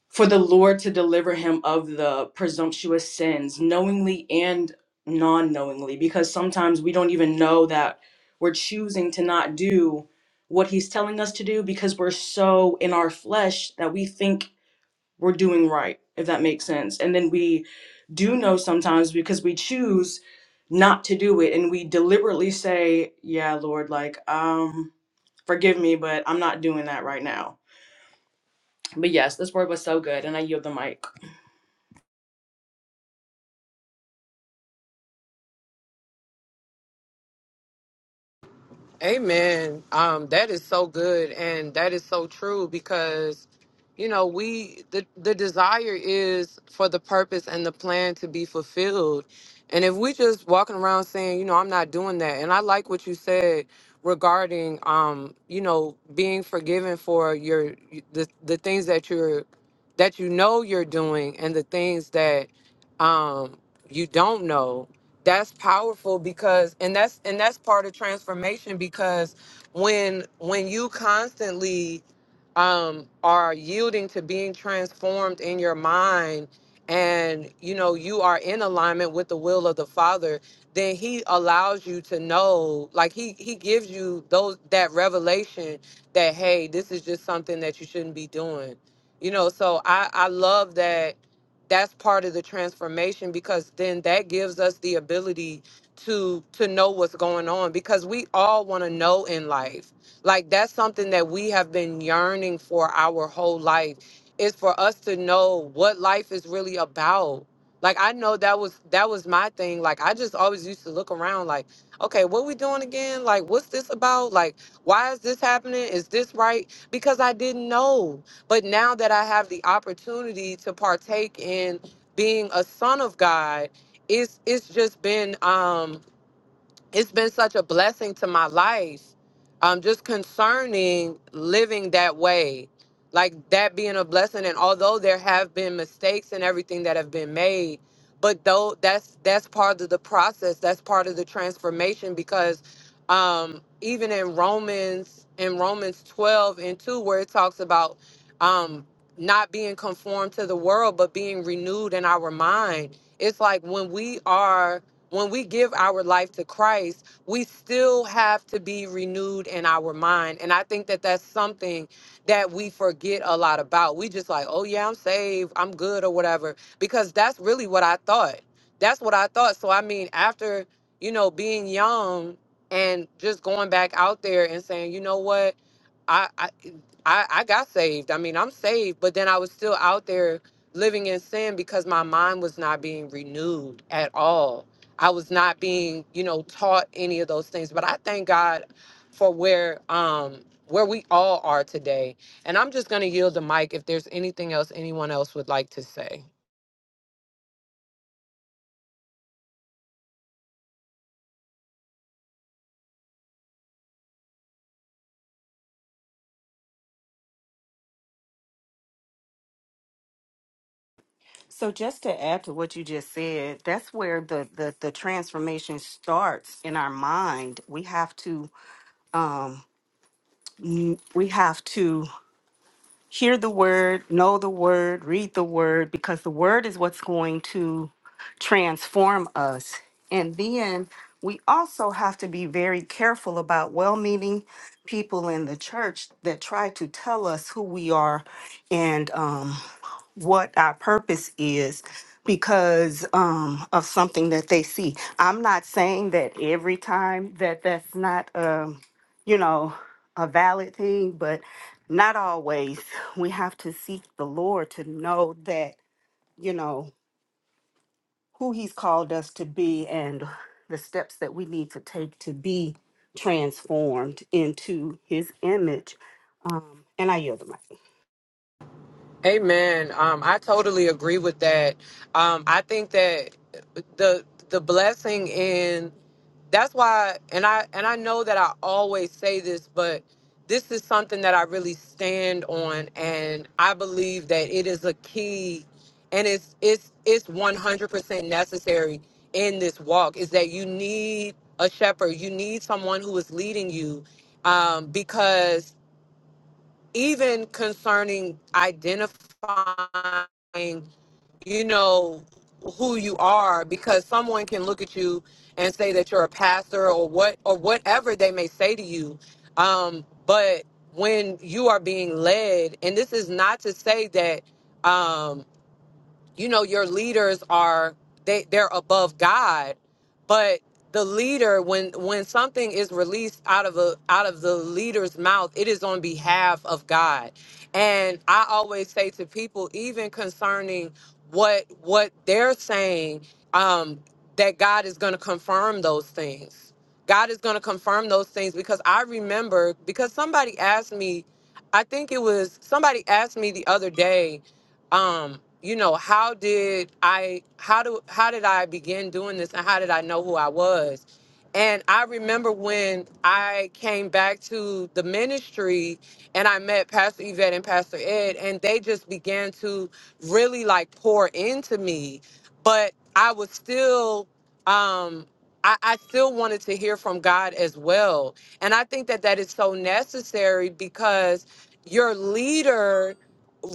Speaker 5: for the Lord to deliver him of the presumptuous sins, knowingly and non-knowingly, because sometimes we don't even know that we're choosing to not do what he's telling us to do because we're so in our flesh that we think we're doing right, if that makes sense. And then we do know sometimes because we choose not to do it and we deliberately say, Yeah, Lord, like, um, forgive me, but I'm not doing that right now. But yes, this word was so good, and I yield the mic.
Speaker 1: Amen. Um, that is so good, and that is so true because, you know, we the the desire is for the purpose and the plan to be fulfilled, and if we just walking around saying, you know, I'm not doing that, and I like what you said regarding, um, you know, being forgiven for your the the things that you're that you know you're doing and the things that, um, you don't know that's powerful because and that's and that's part of transformation because when when you constantly um are yielding to being transformed in your mind and you know you are in alignment with the will of the father then he allows you to know like he he gives you those that revelation that hey this is just something that you shouldn't be doing you know so i i love that that's part of the transformation because then that gives us the ability to to know what's going on because we all want to know in life like that's something that we have been yearning for our whole life is for us to know what life is really about like i know that was that was my thing like i just always used to look around like okay what we doing again like what's this about like why is this happening is this right because i didn't know but now that I have the opportunity to partake in being a son of God, it's it's just been um it's been such a blessing to my life um just concerning living that way like that being a blessing and although there have been mistakes and everything that have been made but though that's that's part of the process that's part of the transformation because um even in romans in romans 12 and 2 where it talks about um not being conformed to the world but being renewed in our mind it's like when we are when we give our life to Christ, we still have to be renewed in our mind. And I think that that's something that we forget a lot about. We just like, oh, yeah, I'm saved, I'm good, or whatever, because that's really what I thought. That's what I thought. So, I mean, after, you know, being young and just going back out there and saying, you know what? I, I I I got saved. I mean, I'm saved, but then I was still out there living in sin because my mind was not being renewed at all. I was not being, you know, taught any of those things. But I thank God for where um where we all are today. And I'm just gonna yield the mic if there's anything else anyone else would like to say.
Speaker 4: so just to add to what you just said that's where the the, the transformation starts in our mind we have to um n- we have to hear the word, know the word, read the word, because the word is what's going to transform us. And then we also have to be very careful about well meaning people in the church that try to tell us who we are and um, what our purpose is because um, of something that they see. I'm not saying that every time that that's not, um, you know, a valid thing, but not always. We have to seek the Lord to know that, you know, who He's called us to be and the steps that we need to take to be transformed into His image. Um, and I yield the mic.
Speaker 1: Amen. Um, I totally agree with that. Um, I think that the the blessing in that's why and i and i know that i always say this but this is something that i really stand on and i believe that it is a key and it's it's it's 100% necessary in this walk is that you need a shepherd you need someone who is leading you um, because even concerning identifying you know who you are because someone can look at you and say that you're a pastor or what or whatever they may say to you um but when you are being led and this is not to say that um, you know your leaders are they they're above god but the leader when when something is released out of a out of the leader's mouth it is on behalf of god and i always say to people even concerning what what they're saying um that god is going to confirm those things god is going to confirm those things because i remember because somebody asked me i think it was somebody asked me the other day um you know how did i how do how did i begin doing this and how did i know who i was and i remember when i came back to the ministry and i met pastor yvette and pastor ed and they just began to really like pour into me but i was still um I, I still wanted to hear from god as well and i think that that is so necessary because your leader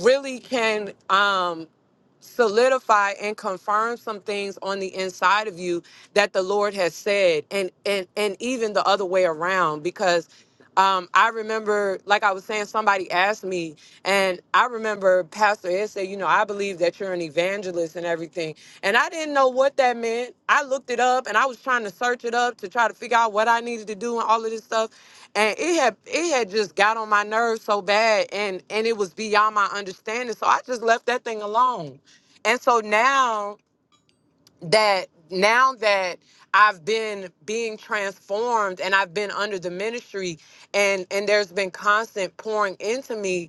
Speaker 1: really can um solidify and confirm some things on the inside of you that the Lord has said and and and even the other way around because um I remember like I was saying somebody asked me and I remember Pastor Ed said, you know, I believe that you're an evangelist and everything. And I didn't know what that meant. I looked it up and I was trying to search it up to try to figure out what I needed to do and all of this stuff and it had it had just got on my nerves so bad and and it was beyond my understanding so i just left that thing alone and so now that now that i've been being transformed and i've been under the ministry and and there's been constant pouring into me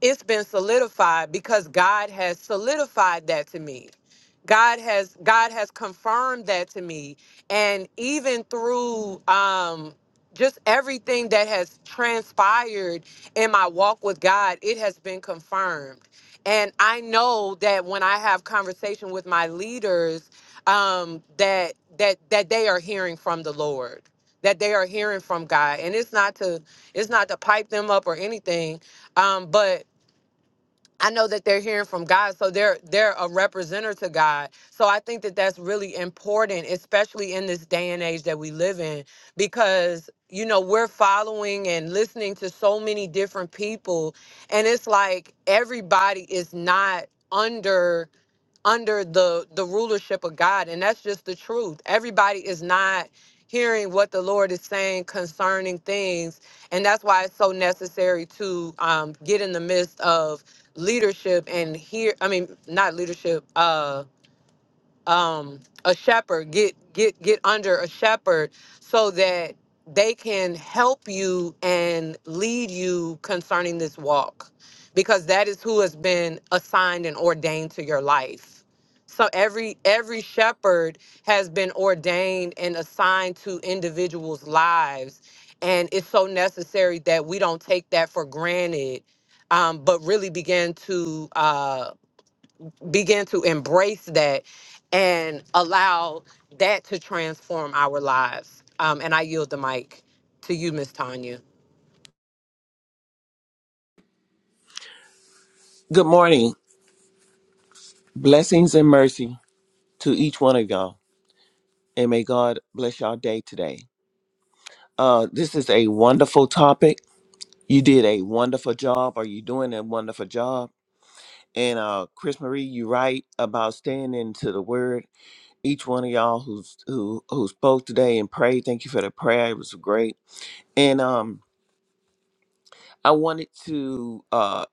Speaker 1: it's been solidified because God has solidified that to me. God has God has confirmed that to me, and even through um, just everything that has transpired in my walk with God, it has been confirmed. And I know that when I have conversation with my leaders, um, that that that they are hearing from the Lord, that they are hearing from God, and it's not to it's not to pipe them up or anything, um, but I know that they're hearing from God, so they're they're a representative to God. So I think that that's really important, especially in this day and age that we live in, because you know we're following and listening to so many different people, and it's like everybody is not under under the the rulership of God and that's just the truth. Everybody is not hearing what the Lord is saying concerning things and that's why it's so necessary to um get in the midst of leadership and hear I mean not leadership Uh, um, a shepherd. Get get get under a shepherd so that they can help you and lead you concerning this walk, because that is who has been assigned and ordained to your life. So every every shepherd has been ordained and assigned to individuals' lives, and it's so necessary that we don't take that for granted, um, but really begin to. Uh, begin to embrace that and allow that to transform our lives. Um, and I yield the mic to you, Miss Tanya.
Speaker 6: Good morning. Blessings and mercy to each one of y'all. And may God bless y'all day today. Uh, this is a wonderful topic. You did a wonderful job, or you doing a wonderful job. And uh, Chris Marie, you right about staying into the word. Each one of y'all who's who who spoke today and prayed, thank you for the prayer. It was great. And um, I wanted to uh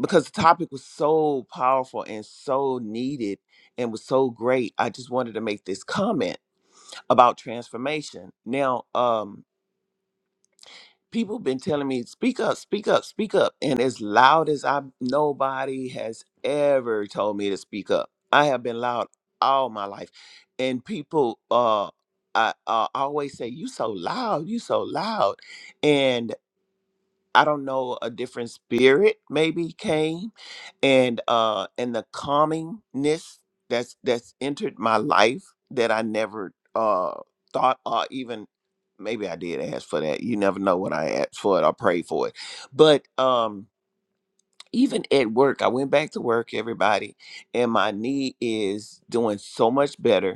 Speaker 6: because the topic was so powerful and so needed and was so great, I just wanted to make this comment about transformation. Now, um, people been telling me, speak up, speak up, speak up. And as loud as I nobody has ever told me to speak up. I have been loud all my life. And people uh I uh, always say, You so loud, you so loud. I don't know, a different spirit maybe came and uh and the calmingness that's that's entered my life that I never uh thought or even maybe I did ask for that. You never know what I asked for it or prayed for it. But um even at work, I went back to work, everybody, and my knee is doing so much better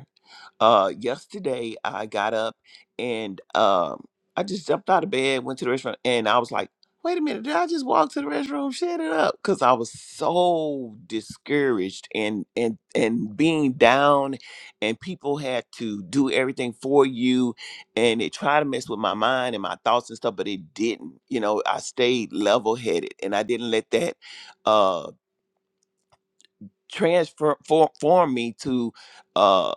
Speaker 6: uh yesterday I got up and um I just jumped out of bed, went to the restroom, and I was like, wait a minute, did I just walk to the restroom, shut it up? Cause I was so discouraged and and and being down and people had to do everything for you and they tried to mess with my mind and my thoughts and stuff, but it didn't. You know, I stayed level headed and I didn't let that uh transform form me to uh,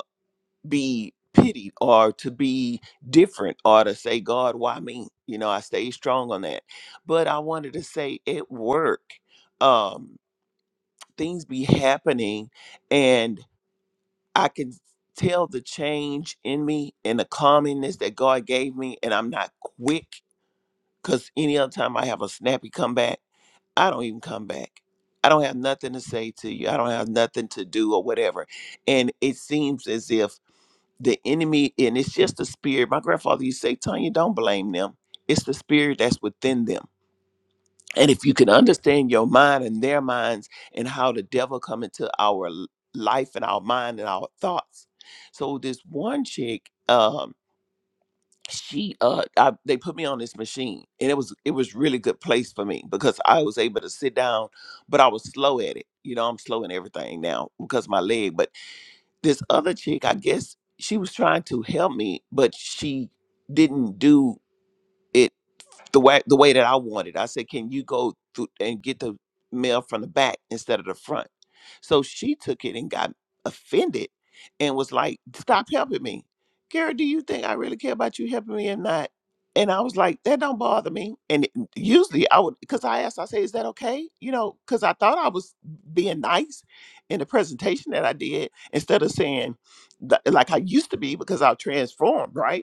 Speaker 6: be pitied or to be different or to say, God, why me? You know, I stay strong on that. But I wanted to say at work, um, things be happening and I can tell the change in me and the calmness that God gave me, and I'm not quick because any other time I have a snappy comeback, I don't even come back. I don't have nothing to say to you. I don't have nothing to do or whatever. And it seems as if the enemy, and it's just the spirit. My grandfather used to say, Tanya, don't blame them. It's the spirit that's within them. And if you can understand your mind and their minds and how the devil come into our l- life and our mind and our thoughts. So this one chick, um, she uh I, they put me on this machine and it was it was really good place for me because I was able to sit down, but I was slow at it. You know, I'm slow in everything now because my leg, but this other chick, I guess she was trying to help me, but she didn't do it the way the way that I wanted. I said, "Can you go through and get the mail from the back instead of the front?" So she took it and got offended and was like, "Stop helping me, Gary. Do you think I really care about you helping me or not?" And I was like, "That don't bother me." And it- usually I would, because I asked, I say, "Is that okay?" You know, because I thought I was being nice in the presentation that I did instead of saying, th- like I used to be because I transformed, right?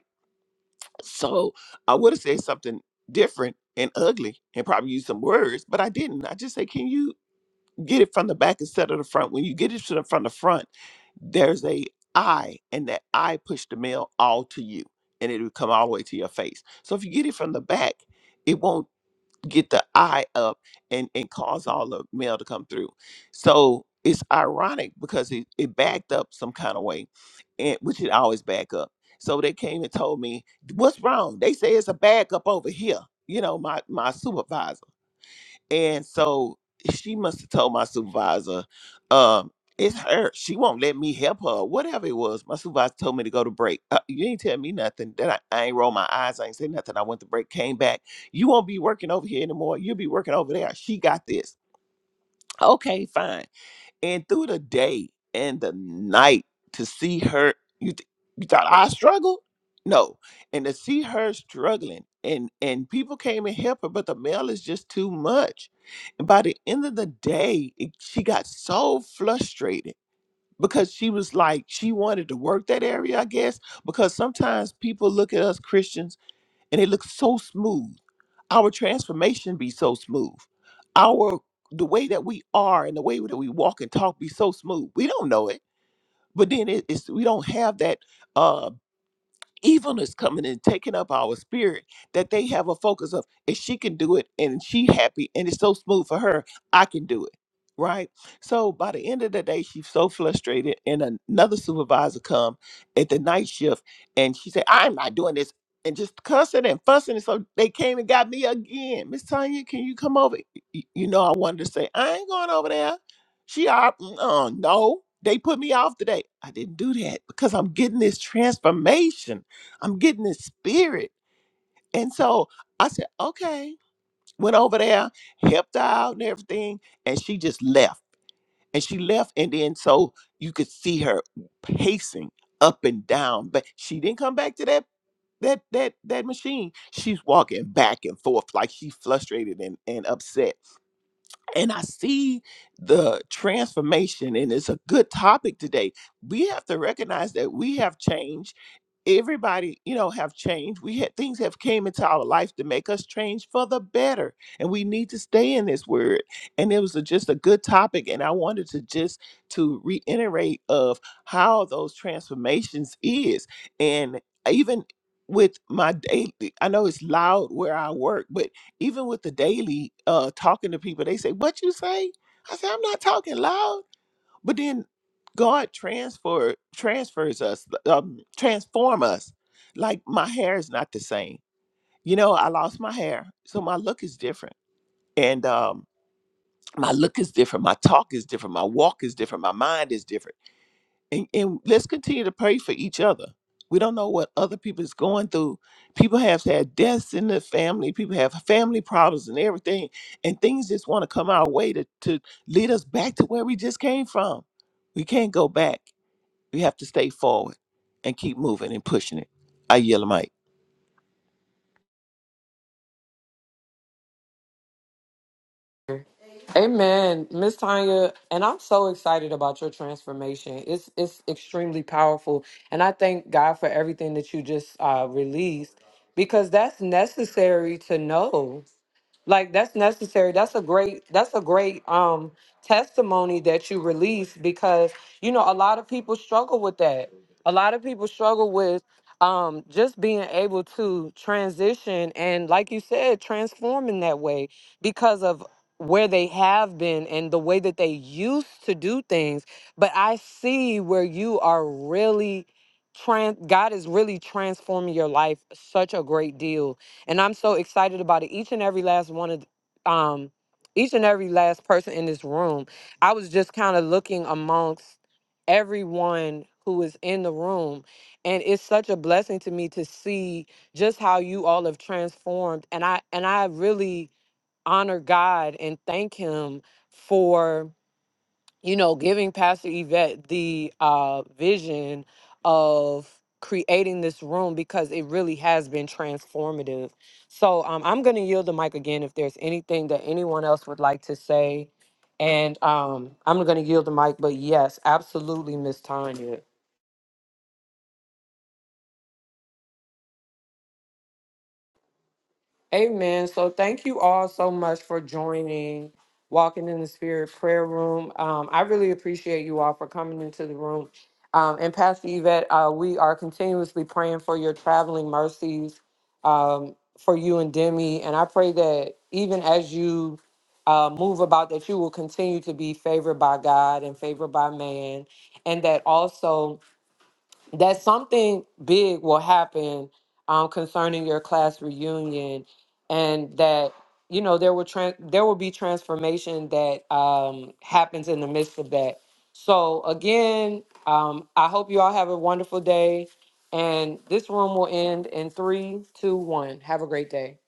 Speaker 6: So I would have said something different and ugly and probably used some words, but I didn't. I just say, can you get it from the back instead of the front? When you get it to the front, the front, there's a I, and that I push the mail all to you, and it will come all the way to your face. So if you get it from the back, it won't get the eye up and and cause all the mail to come through so it's ironic because it, it backed up some kind of way and which it always back up so they came and told me what's wrong they say it's a backup over here you know my my supervisor and so she must have told my supervisor, um, it's her. She won't let me help her, whatever it was. My supervisor told me to go to break. Uh, you ain't tell me nothing. That I, I ain't roll my eyes. I ain't say nothing. I went to break, came back. You won't be working over here anymore. You'll be working over there. She got this. Okay, fine and through the day and the night to see her you th- you thought I struggled? No. And to see her struggling and and people came and help her, but the mail is just too much. And by the end of the day, it, she got so frustrated because she was like she wanted to work that area, I guess, because sometimes people look at us Christians and it looks so smooth. Our transformation be so smooth. Our the way that we are and the way that we walk and talk be so smooth. We don't know it, but then it, it's we don't have that. uh, evil is coming and taking up our spirit that they have a focus of if she can do it and she happy and it's so smooth for her i can do it right so by the end of the day she's so frustrated and another supervisor come at the night shift and she said i'm not doing this and just cussing and fussing and so they came and got me again miss tanya can you come over Y- you know i wanted to say i ain't going over there she are uh, no they put me off today i didn't do that because i'm getting this transformation I'm getting this spirit. And so I said, okay. Went over there, helped her out and everything. And she just left. And she left. And then so you could see her pacing up and down. But she didn't come back to that that that that machine. She's walking back and forth like she's frustrated and, and upset and I see the transformation, and it's a good topic today. We have to recognize that we have changed. Everybody, you know, have changed. We had things have came into our life to make us change for the better, and we need to stay in this word. And it was a, just a good topic, and I wanted to just to reiterate of how those transformations is, and even with my daily. I know it's loud where I work, but even with the daily uh talking to people they say what you say i say i'm not talking loud but then god transfer transfers us um transform us like my hair is not the same you know i lost my hair so my look is different and um my look is different my talk is different my walk is different my mind is different and, and let's continue to pray for each other. We don't know what other people is going through. People have had deaths in the family. People have family problems and everything, and things just want to come our way to to lead us back to where we just came from. We can't go back. We have to stay forward and keep moving and pushing it. I yell, Mike.
Speaker 1: Amen, Miss Tanya, and I'm so excited about your transformation. It's it's extremely powerful, and I thank God for everything that you just uh, released because that's necessary to know. like that's necessary that's a great that's a great um testimony that you release because you know a lot of people struggle with that a lot of people struggle with um just being able to transition and like you said transform in that way because of where they have been and the way that they used to do things but i see where you are really trans god is really transforming your life such a great deal and I'm so excited about it. Each and every last one of um each and every last person in this room. I was just kind of looking amongst everyone who is in the room and it's such a blessing to me to see just how you all have transformed and I and I really honor God and thank him for you know, giving Pastor Yvette the uh, vision of creating this room because it really has been transformative. So um, I'm going to yield the mic again if there's anything that anyone else would like to say. And um, I'm going to yield the mic, but yes, absolutely, Miss Tanya. Amen. So thank you all so much for joining Walking in the Spirit Prayer Room. Um, I really appreciate you all for coming into the room. Um, and Pastor Yvette, uh, we are continuously praying for your traveling mercies um, for you and Demi. And I pray that even as you uh, move about, that you will continue to be favored by God and favored by man. And that also that something big will happen um, concerning your class reunion, and that you know there will tran there will be transformation that um, happens in the midst of that. So again, um, I hope you all have a wonderful day, and this room will end in three, two, one. Have a great day.